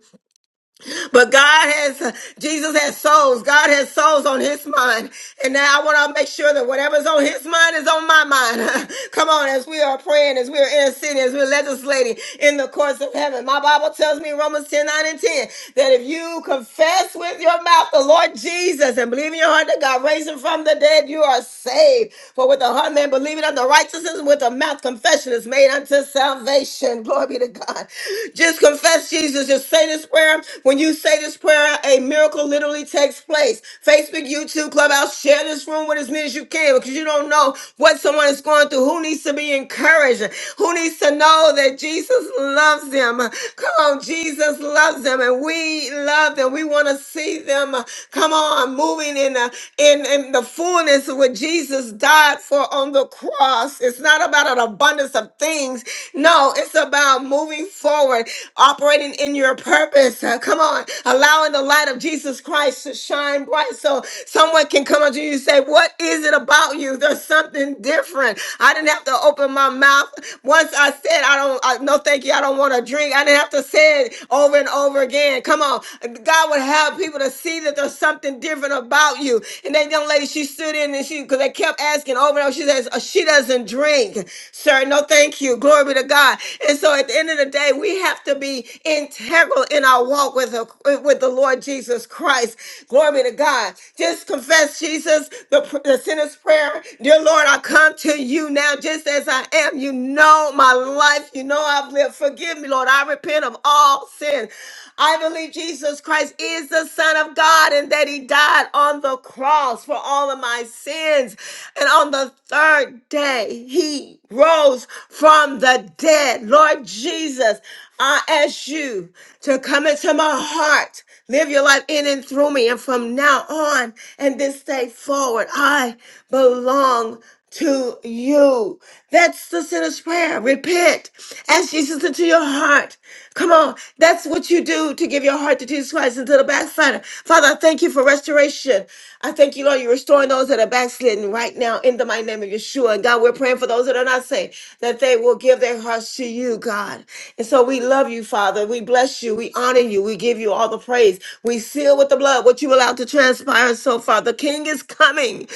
Speaker 1: But God has, Jesus has souls. God has souls on his mind. And now I want to make sure that whatever's on his mind is on my mind. Come on, as we are praying, as we are interceding, as we're legislating in the courts of heaven. My Bible tells me in Romans 10 9 and 10 that if you confess with your mouth the Lord Jesus and believe in your heart that God raised him from the dead, you are saved. For with the heart man believing unto righteousness, and with the mouth confession is made unto salvation. Glory be to God. Just confess Jesus. Just say this prayer prayer. When you say this prayer, a miracle literally takes place. Facebook, YouTube, Clubhouse, share this room with as many as you can because you don't know what someone is going through. Who needs to be encouraged? Who needs to know that Jesus loves them? Come on, Jesus loves them and we love them. We want to see them, uh, come on, moving in the, in, in the fullness of what Jesus died for on the cross. It's not about an abundance of things. No, it's about moving forward, operating in in your purpose. Uh, come on, allowing the light of Jesus Christ to shine bright so someone can come up to you and say, What is it about you? There's something different. I didn't have to open my mouth. Once I said, I don't, I, no, thank you, I don't want to drink, I didn't have to say it over and over again. Come on, God would have people to see that there's something different about you. And that young lady, she stood in and she, because they kept asking over and over, she says, "Uh, She doesn't drink, sir. No, thank you. Glory be to God. And so at the end of the day, we have to be integral in our walk with, the- with the Lord Jesus Christ. Glory be to God. Just confess, Jesus, the, pr- the sinner's prayer. Dear Lord, I come to you now just as I am. You know my life. You know I've lived. Forgive me, Lord. I repent of all sin. I believe Jesus Christ is the Son of God and that He died on the cross for all of my sins. And on the third day, He he rose from the dead. Lord Jesus, I ask you to come into my heart, live your life in and through me. And from now on and this day forward, I belong to you. That's the sinner's prayer. Repent. Ask Jesus into your heart. Come on. That's what you do to give your heart to Jesus Christ and to the backslider. Father, I thank you for restoration. I thank you, Lord, you're restoring those that are backslidden right now in the mighty name of Yeshua. And God, we're praying for those that are not I say? That they will give their hearts to you, God. And so we love you, Father. We bless you. We honor you. We give you all the praise. We seal with the blood what you allowed to transpire. And So, Father, the King is coming.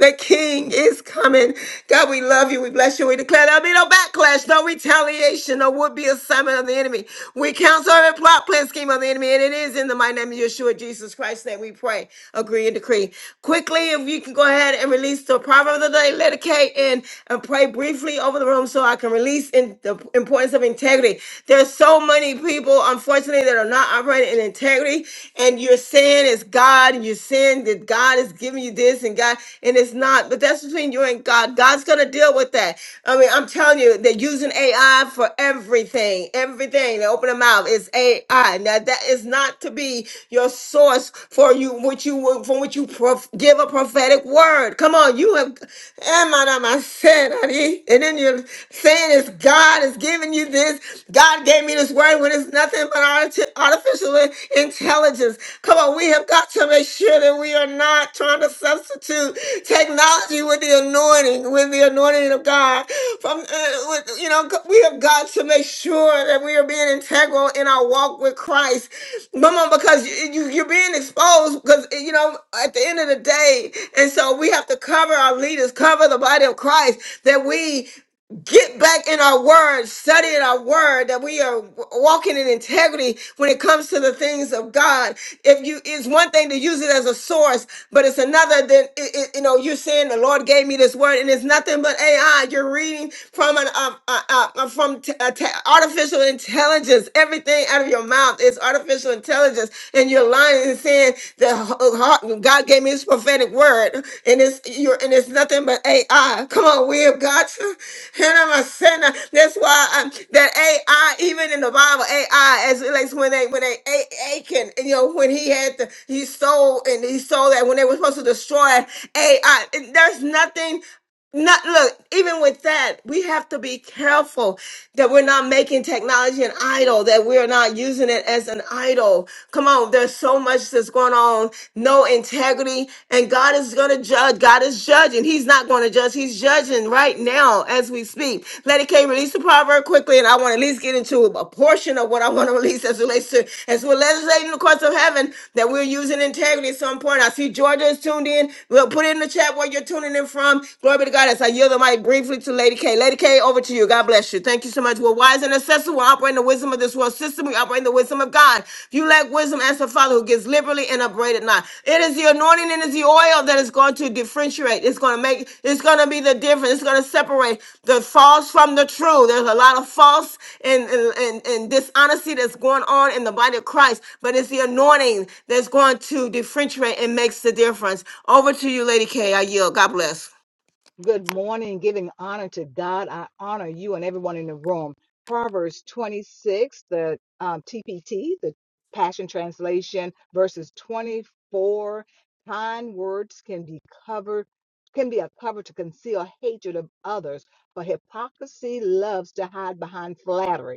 Speaker 1: The King is coming. God, we love you. We bless you. We declare there'll be no backlash, no retaliation, no would be assignment of the enemy. We counsel every plot, plan, scheme of the enemy. And it is in the mighty name of Yeshua, Jesus Christ, that we pray, agree, and decree. Quickly, if you can go ahead and release the proverb of the day, let it K in and pray briefly beautifully over the room so I can release in the importance of integrity. There's so many people, unfortunately, that are not operating in integrity, and you're saying it's God, and you're saying that God is giving you this and God, and it's not. But that's between you and God. God's gonna deal with that. I mean, I'm telling you, they're using AI for everything. Everything they open their mouth is AI. Now that is not to be your source for you, what you from which you prof- give a prophetic word. Come on, you have. Am I not my sin, and then you're saying it's God is giving you this. God gave me this word when it's nothing but arti- artificial intelligence. Come on, we have got to make sure that we are not trying to substitute technology with the anointing, with the anointing of God. From uh, with, you know, we have got to make sure that we are being integral in our walk with Christ. Come on, because you, you, you're being exposed. Because you know, at the end of the day, and so we have to cover our leaders, cover the body of Christ, that we get back in our word, study in our word, that we are walking in integrity when it comes to the things of God. If you, it's one thing to use it as a source, but it's another than, it, it- you know, you're saying the Lord gave me this word and it's nothing but AI. You're reading from an, uh, uh, uh, from t- uh, t- artificial intelligence. Everything out of your mouth is artificial intelligence presence and you're lying and saying that oh, God gave me this prophetic word and it's you're and it's nothing but AI. Come on, we have got to. And I'm a sinner. That's why i that AI, even in the Bible, AI as it relates when they when they A- Achan, you know, when he had the he stole and he stole that when they were supposed to destroy AI. There's nothing not look even with that we have to be careful that we're not making technology an idol, that we're not using it as an idol. Come on, there's so much that's going on, no integrity, and God is going to judge. God is judging. He's not going to judge. He's judging right now as we speak. Lady K, release the proverb quickly, and I want to at least get into a portion of what I want to release as relates to as we're legislating the courts of heaven that we're using integrity at some point. I see Georgia is tuned in. We'll put it in the chat where you're tuning in from. Glory be to God as I yield the mic briefly to Lady K, Lady K, over to you. God bless you. Thank you so much. We're wise and accessible. We operate in the wisdom of this world system. We operate in the wisdom of God. If you lack wisdom, ask the Father who gives liberally and upbraided not. It is the anointing and it is the oil that is going to differentiate. It's going to make, it's going to be the difference. It's going to separate the false from the true. There's a lot of false and, and, and, and dishonesty that's going on in the body of Christ, but it's the anointing that's going to differentiate and makes the difference. Over to you, Lady K. I yield. God bless.
Speaker 6: Good morning, giving honor to God. I honor you and everyone in the room. Proverbs 26, the um, TPT, the Passion Translation, verses 24. Kind words can be covered, can be a cover to conceal hatred of others, but hypocrisy loves to hide behind flattery.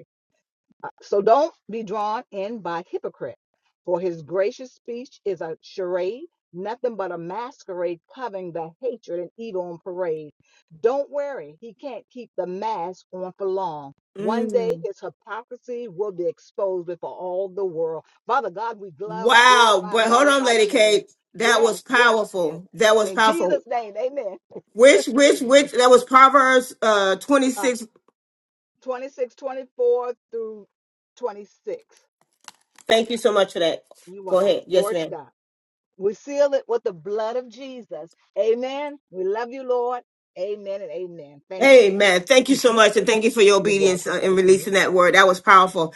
Speaker 6: Uh, So don't be drawn in by hypocrite, for his gracious speech is a charade, nothing but a masquerade covering the hatred and evil on parade. Don't worry, he can't keep the mask on for long. One day his hypocrisy will be exposed before all the world. Father God, we glo-
Speaker 1: Wow,
Speaker 6: glorify
Speaker 1: but
Speaker 6: and
Speaker 1: hold on,
Speaker 6: magnify your
Speaker 1: Lady
Speaker 6: name.
Speaker 1: Kate. That was
Speaker 6: Yes, yes, yes.
Speaker 1: powerful. That was
Speaker 6: In Jesus'
Speaker 1: powerful.
Speaker 6: name, amen.
Speaker 1: Which, which, which?
Speaker 6: Amen.
Speaker 1: That was Proverbs uh twenty
Speaker 6: Uh,
Speaker 1: six.
Speaker 6: 26, twenty-four through 26.
Speaker 1: Thank you so much for that.
Speaker 6: You're
Speaker 1: Go
Speaker 6: welcome.
Speaker 1: ahead. Yes,
Speaker 6: Glory to
Speaker 1: ma'am.
Speaker 6: God. We seal it with the blood of Jesus. Amen. We love you, Lord. Amen and amen. Thank you.
Speaker 1: Amen. Thank you so much, and thank you for your
Speaker 6: You're
Speaker 1: obedience
Speaker 6: welcome.
Speaker 1: uh, in
Speaker 6: Thank you.
Speaker 1: releasing that word. That was powerful.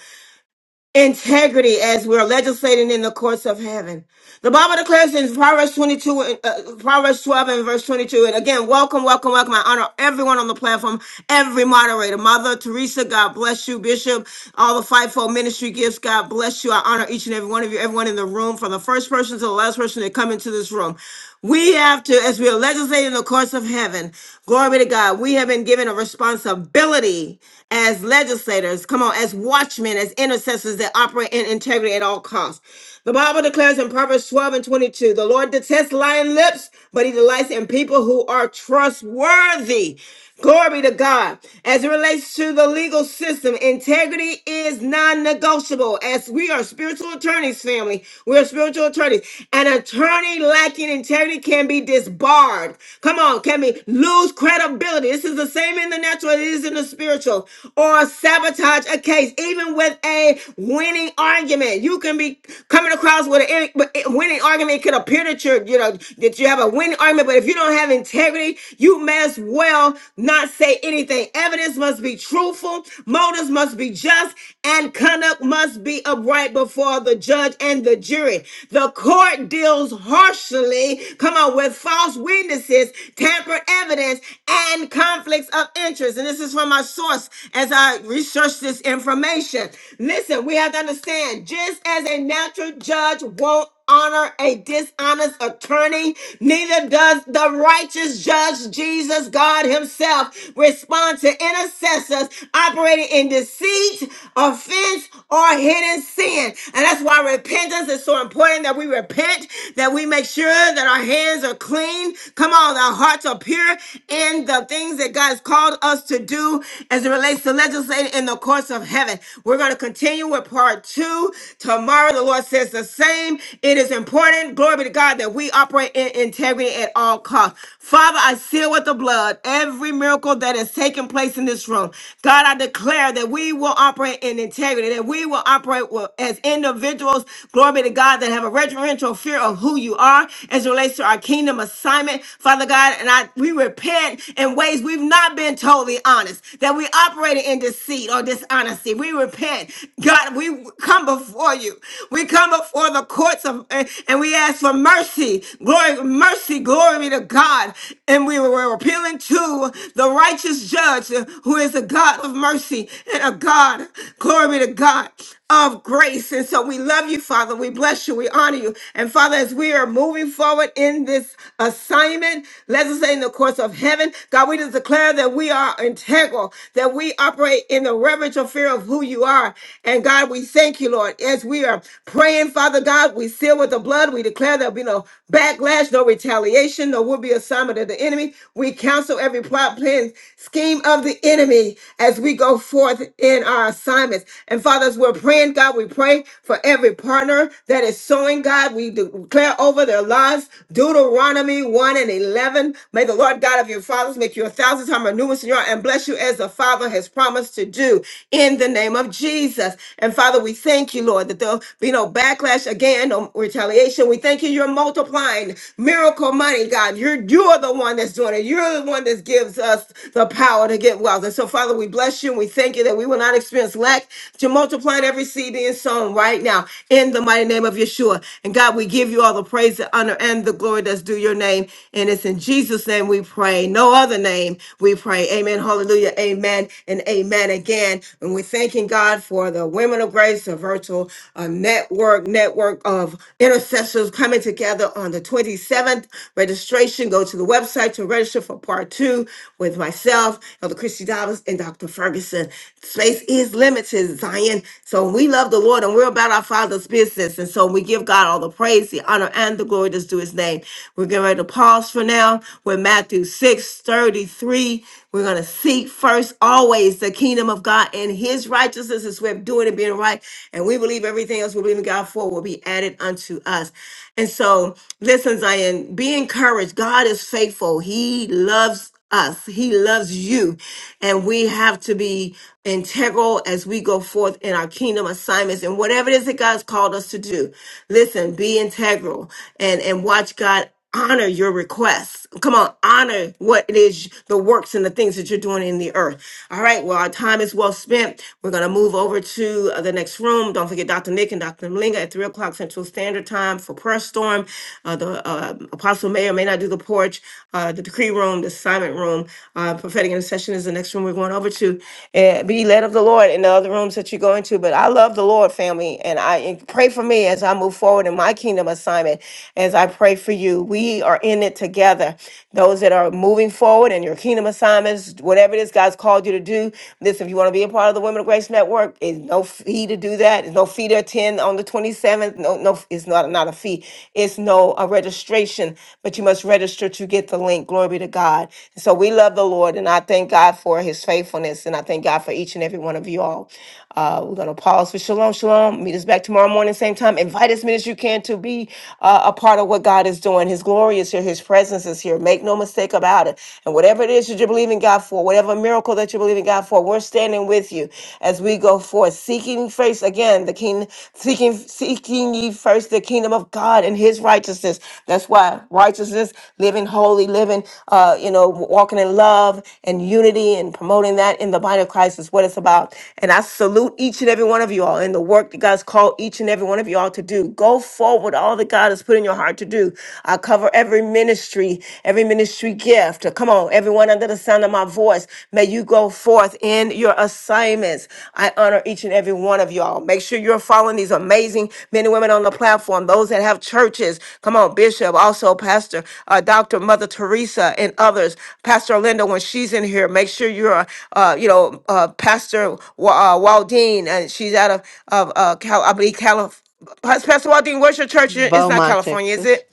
Speaker 1: Integrity as we're legislating in the courts of heaven. The Bible declares in Proverbs 22, and, uh, Proverbs 12 and verse 22. And again, welcome, welcome, welcome. I honor everyone on the platform, every moderator. Mother Teresa, God bless you. Bishop, all the fivefold ministry gifts, God bless you. I honor each and every one of you, everyone in the room, from the first person to the last person that come into this room. We have to, as we are legislating the course of heaven, glory be to God, we have been given a responsibility as legislators, come on, as watchmen, as intercessors that operate in integrity at all costs. The Bible declares in Proverbs 12 and 22 the Lord detests lying lips, but he delights in people who are trustworthy. Glory be to God. As it relates to the legal system, integrity is non negotiable. As we are spiritual attorneys, family, we are spiritual attorneys. An attorney lacking integrity can be disbarred. Come on, can be lose credibility? This is the same in the natural, as it is in the spiritual. Or sabotage a case, even with a winning argument. You you can be coming across with a but a winning argument. It could appear that you're, you know, that you have a winning argument, but if you don't have integrity, you may as well not say anything. Evidence must be truthful, motives must be just, and conduct must be upright before the judge and the jury. The court deals harshly, come on, with false witnesses, tampered evidence, and conflicts of interest. And this is from my source as I research this information. Listen, we have to understand understand, just as a natural judge won't honor a dishonest attorney, neither does the righteous judge Jesus God Himself respond to intercessors operating in deceit, offense, or hidden sin. And that's why repentance is so important that we repent, that we make sure that our hands are clean. Come on, our hearts are pure in the things that God has called us to do as it relates to legislating in the courts of heaven. We're going to continue continue with part two tomorrow. The Lord says the same. It is important, glory be to God, that we operate in integrity at all costs. Father, I seal with the blood every miracle that is taking place in this room. God, I declare that we will operate in integrity, that we will operate with- as individuals, glory be to God, that have a reverential fear of who you are as it relates to our kingdom assignment. Father God, and I we repent in ways we've not been totally honest, that we operated in deceit or dishonesty mercy. We repent. God, we come before you. We come before the courts of and and we ask for mercy. Glory, mercy, glory be to God. And we were appealing to the righteous judge uh, who is a God of mercy and a God, glory be to God, of grace. And so we love you, Father. We bless you. We honor you. And Father, as we are moving forward in this assignment, let us say in the course of heaven, God, we just declare that we are integral, that we operate in the in the reverential fear of who you are. And God, we thank you, Lord, as we are praying, Father God, we seal with the blood. We declare there'll be no backlash, no retaliation, no will be assignment of the enemy. We counsel every plot, plan, scheme of the enemy as we go forth in our assignments. And fathers, we're praying, God, we pray for every partner that is sowing, God. We declare over their lives Deuteronomy 1 and 11. May the Lord God of your fathers make you a thousand times more numerous in your and bless you as a father Father has promised to do in the name of Jesus. And Father, we thank you, Lord, that there'll be no backlash again, no retaliation. We thank you, you're multiplying miracle money, God. You're you're the one that's doing it. You're the one that gives us the power to get wealth. And so, Father, we bless you and we thank you that we will not experience lack to multiplying every seed being sown right now in the mighty name of Yeshua. And God, we give you all the praise, the honor, and the glory that's due your name. And it's in Jesus' name we pray. No other name we pray. Amen. Hallelujah. Hallelujah. Amen and amen again. And we're thanking God for the Women of Grace, the virtual uh, network, network of intercessors coming together on the 27th. Registration, go to the website to register for part two with myself, Elder Christy Dobbins, and Dr. Ferguson. Space is limited, Zion. So we love the Lord and we're about our Father's business. And so we give God all the praise, the honor, and the glory that's due his name. We're getting ready to pause for now with Matthew 6:33 see. We're going to seek first always the kingdom of God and his righteousness is we're doing and being right. And we believe everything else we believe in God for will be added unto us. And so, listen, Zion, be encouraged. God is faithful. He loves us. He loves you. And we have to be integral as we go forth in our kingdom assignments and whatever it is that God's called us to do. Listen, be integral and, and watch God honor your requests. Come on, honor what it is, the works and the things that you're doing in the earth. All right, well, our time is well spent. We're going to move over to uh, the next room. Don't forget Dr. Nick and Dr. Malinga at 3 o'clock Central Standard Time for Prayer Storm. Uh, the uh, Apostle may or may not do the porch, uh, the decree room, the assignment room. Uh, prophetic intercession is the next room we're going over to. Uh, be led of the Lord in the other rooms that you go into. But I love the Lord, family, and I and pray for me as I move forward in my kingdom assignment, as I pray for you you. We are in it together. Those that are moving forward in your kingdom assignments, whatever it is God's called you to do. Listen, if you want to be a part of the Women of Grace Network, it's no fee to do that. It's no fee to attend on the 27th. No, no, it's not, not a fee. It's no a registration, but you must register to get the link. Glory be to God. And so we love the Lord and I thank God for his faithfulness and I thank God for each and every one of you all. Uh, we're going to pause for shalom, shalom. Meet us back tomorrow morning, same time. Invite as many as you can to be uh, a part of what God is doing. His glory is here, His presence is here. Make no mistake about it. And whatever it is that you believe in God for, whatever miracle that you believe in God for, we're standing with you as we go forth, seeking first again the king, seeking, seeking ye first the kingdom of God and His righteousness. That's why. righteousness righteousness, living holy, living, uh, you know, walking in love and unity and promoting that in the body of Christ is what it's about. And I salute each and every one of you all in the work that God's called each and every one of you all to do. Go forward with all that God has put in your heart to do. I cover every ministry, every ministry gift. Come on, everyone under the sound of my voice, may you go forth in your assignment assignments. I honor each and every one of y'all. Make sure you're following these amazing men and women on the platform, those that have churches. Come on, Bishop, also Pastor uh, Dr. Mother Teresa and others. Pastor Linda, when she's in here, make sure you're, uh, uh, you know, uh, Pastor Wa- uh, Waldine, and she's out of, of uh, Cal- I believe, California. Pastor Waldine, where's your church? It's not
Speaker 14: Beaumont,
Speaker 1: California, is it?
Speaker 14: Texas.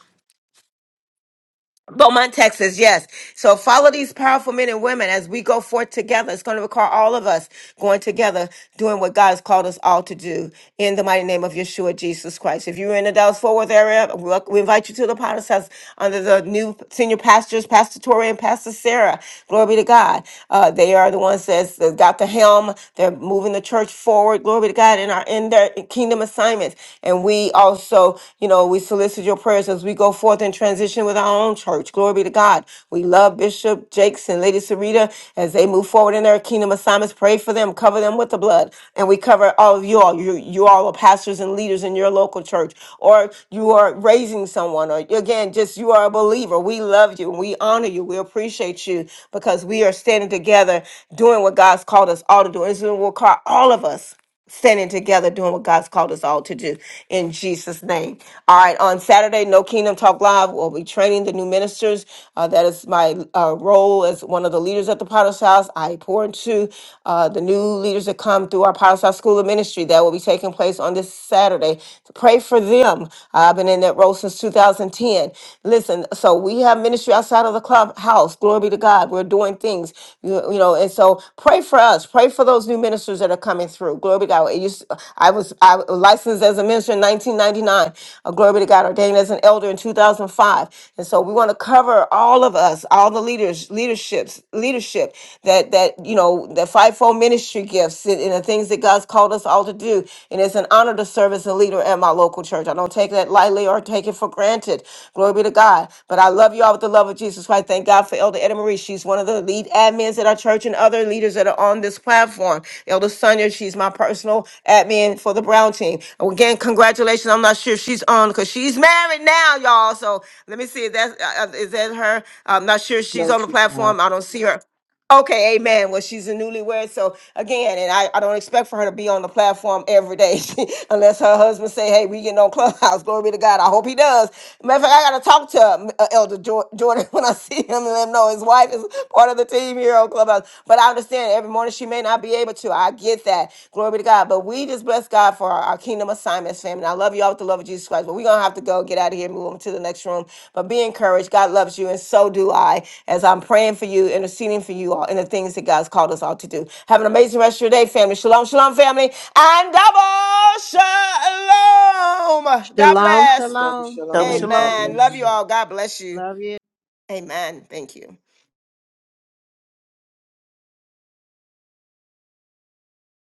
Speaker 1: Beaumont, Texas, yes. So follow these powerful men and women as we go forth together. It's going to require all of us going together, doing what God has called us all to do in the mighty name of Yeshua Jesus Christ. If you're in the Dallas Fort Worth area, we we invite you to the Potter's House under the new senior pastors, Pastor Tori and Pastor Sarah. Glory be to God. Uh, they are the ones that's that got the helm. They're moving the church forward. Glory be to God in our in their kingdom assignments. And we also so, you know, we solicit your prayers as we go forth and transition with our own church. Glory be to God. We love Bishop Jakes and Lady Sarita as they move forward in their kingdom assignments. Pray for them, cover them with the blood. And we cover all of you all. You, you all are pastors and leaders in your local church, or you are raising someone, or again, just you are a believer. We love you we honor you. We appreciate you because we are standing together doing what God's called us all to do. It's what will call all of us standing together doing what God's called us all to do in Jesus' name. All right, on Saturday, No Kingdom Talk Live, we'll be training the new ministers. Uh, that is my uh, role as one of the leaders at the Potter's House. I pour into uh, the new leaders that come through our Potter's House School of Ministry. That will be taking place on this Saturday. So Pray for them. I've been in that role since 2010. Listen, so we have ministry outside of the club clubhouse. Glory be to God. We're doing things, you, you know, and so pray for us. Pray for those new ministers that are coming through. Glory be to God. It used- I was I was licensed as a minister in 1999. Uh, glory be to God. Ordained as an elder in 2005. And so we want to cover all of us, all the leaders, leaderships, leadership that that you know, the fivefold ministry gifts and, and the things that God's called us all to do. And it's an honor to serve serve as a leader at my local church. I don't take that lightly or take it for granted. Glory be to God. But I love you all with the love of Jesus Christ. Thank God for Elder Edna Marie. She's one of the lead admins at our church and other leaders that are on this platform. Elder Sonia, she's my personal admin for the Brown team. And Again, congratulations. I'm not sure if she's on because she's married now, y'all. So let me see if that's uh, uh, is that her. I'm not sure if she's
Speaker 8: No,
Speaker 1: on the
Speaker 8: she's not.
Speaker 1: platform. I don't see her. Okay, amen. Well, she's a newlywed, so again, and I, I don't expect for her to be on the platform every day unless her husband say, "Hey, we getting on Clubhouse." Glory be to God. I hope he does. Matter of fact, I gotta talk to um, uh, Elder Jor- Jordan when I see him and let him know his wife is part of the team here on Clubhouse. But I understand every morning she may not be able to. I get that. Glory be to God. But we just bless God for our, our kingdom assignments, family. I love you all with the love of Jesus Christ. But we're gonna have to go get out of here, move on to the next room. But be encouraged. God loves you, and so do I, as I'm praying for you, interceding for you all, and the things that God's called us all to do. Have an amazing rest of your day, family. Shalom, shalom, family. And double shalom. God
Speaker 14: Shalom,
Speaker 1: bless.
Speaker 8: Double
Speaker 14: shalom.
Speaker 10: Double
Speaker 15: Yeah.
Speaker 8: shalom.
Speaker 10: shalom.
Speaker 8: God
Speaker 1: Amen. Love
Speaker 8: bless
Speaker 1: you
Speaker 8: you.
Speaker 1: all. God bless you.
Speaker 14: Love you.
Speaker 1: Amen. Thank you.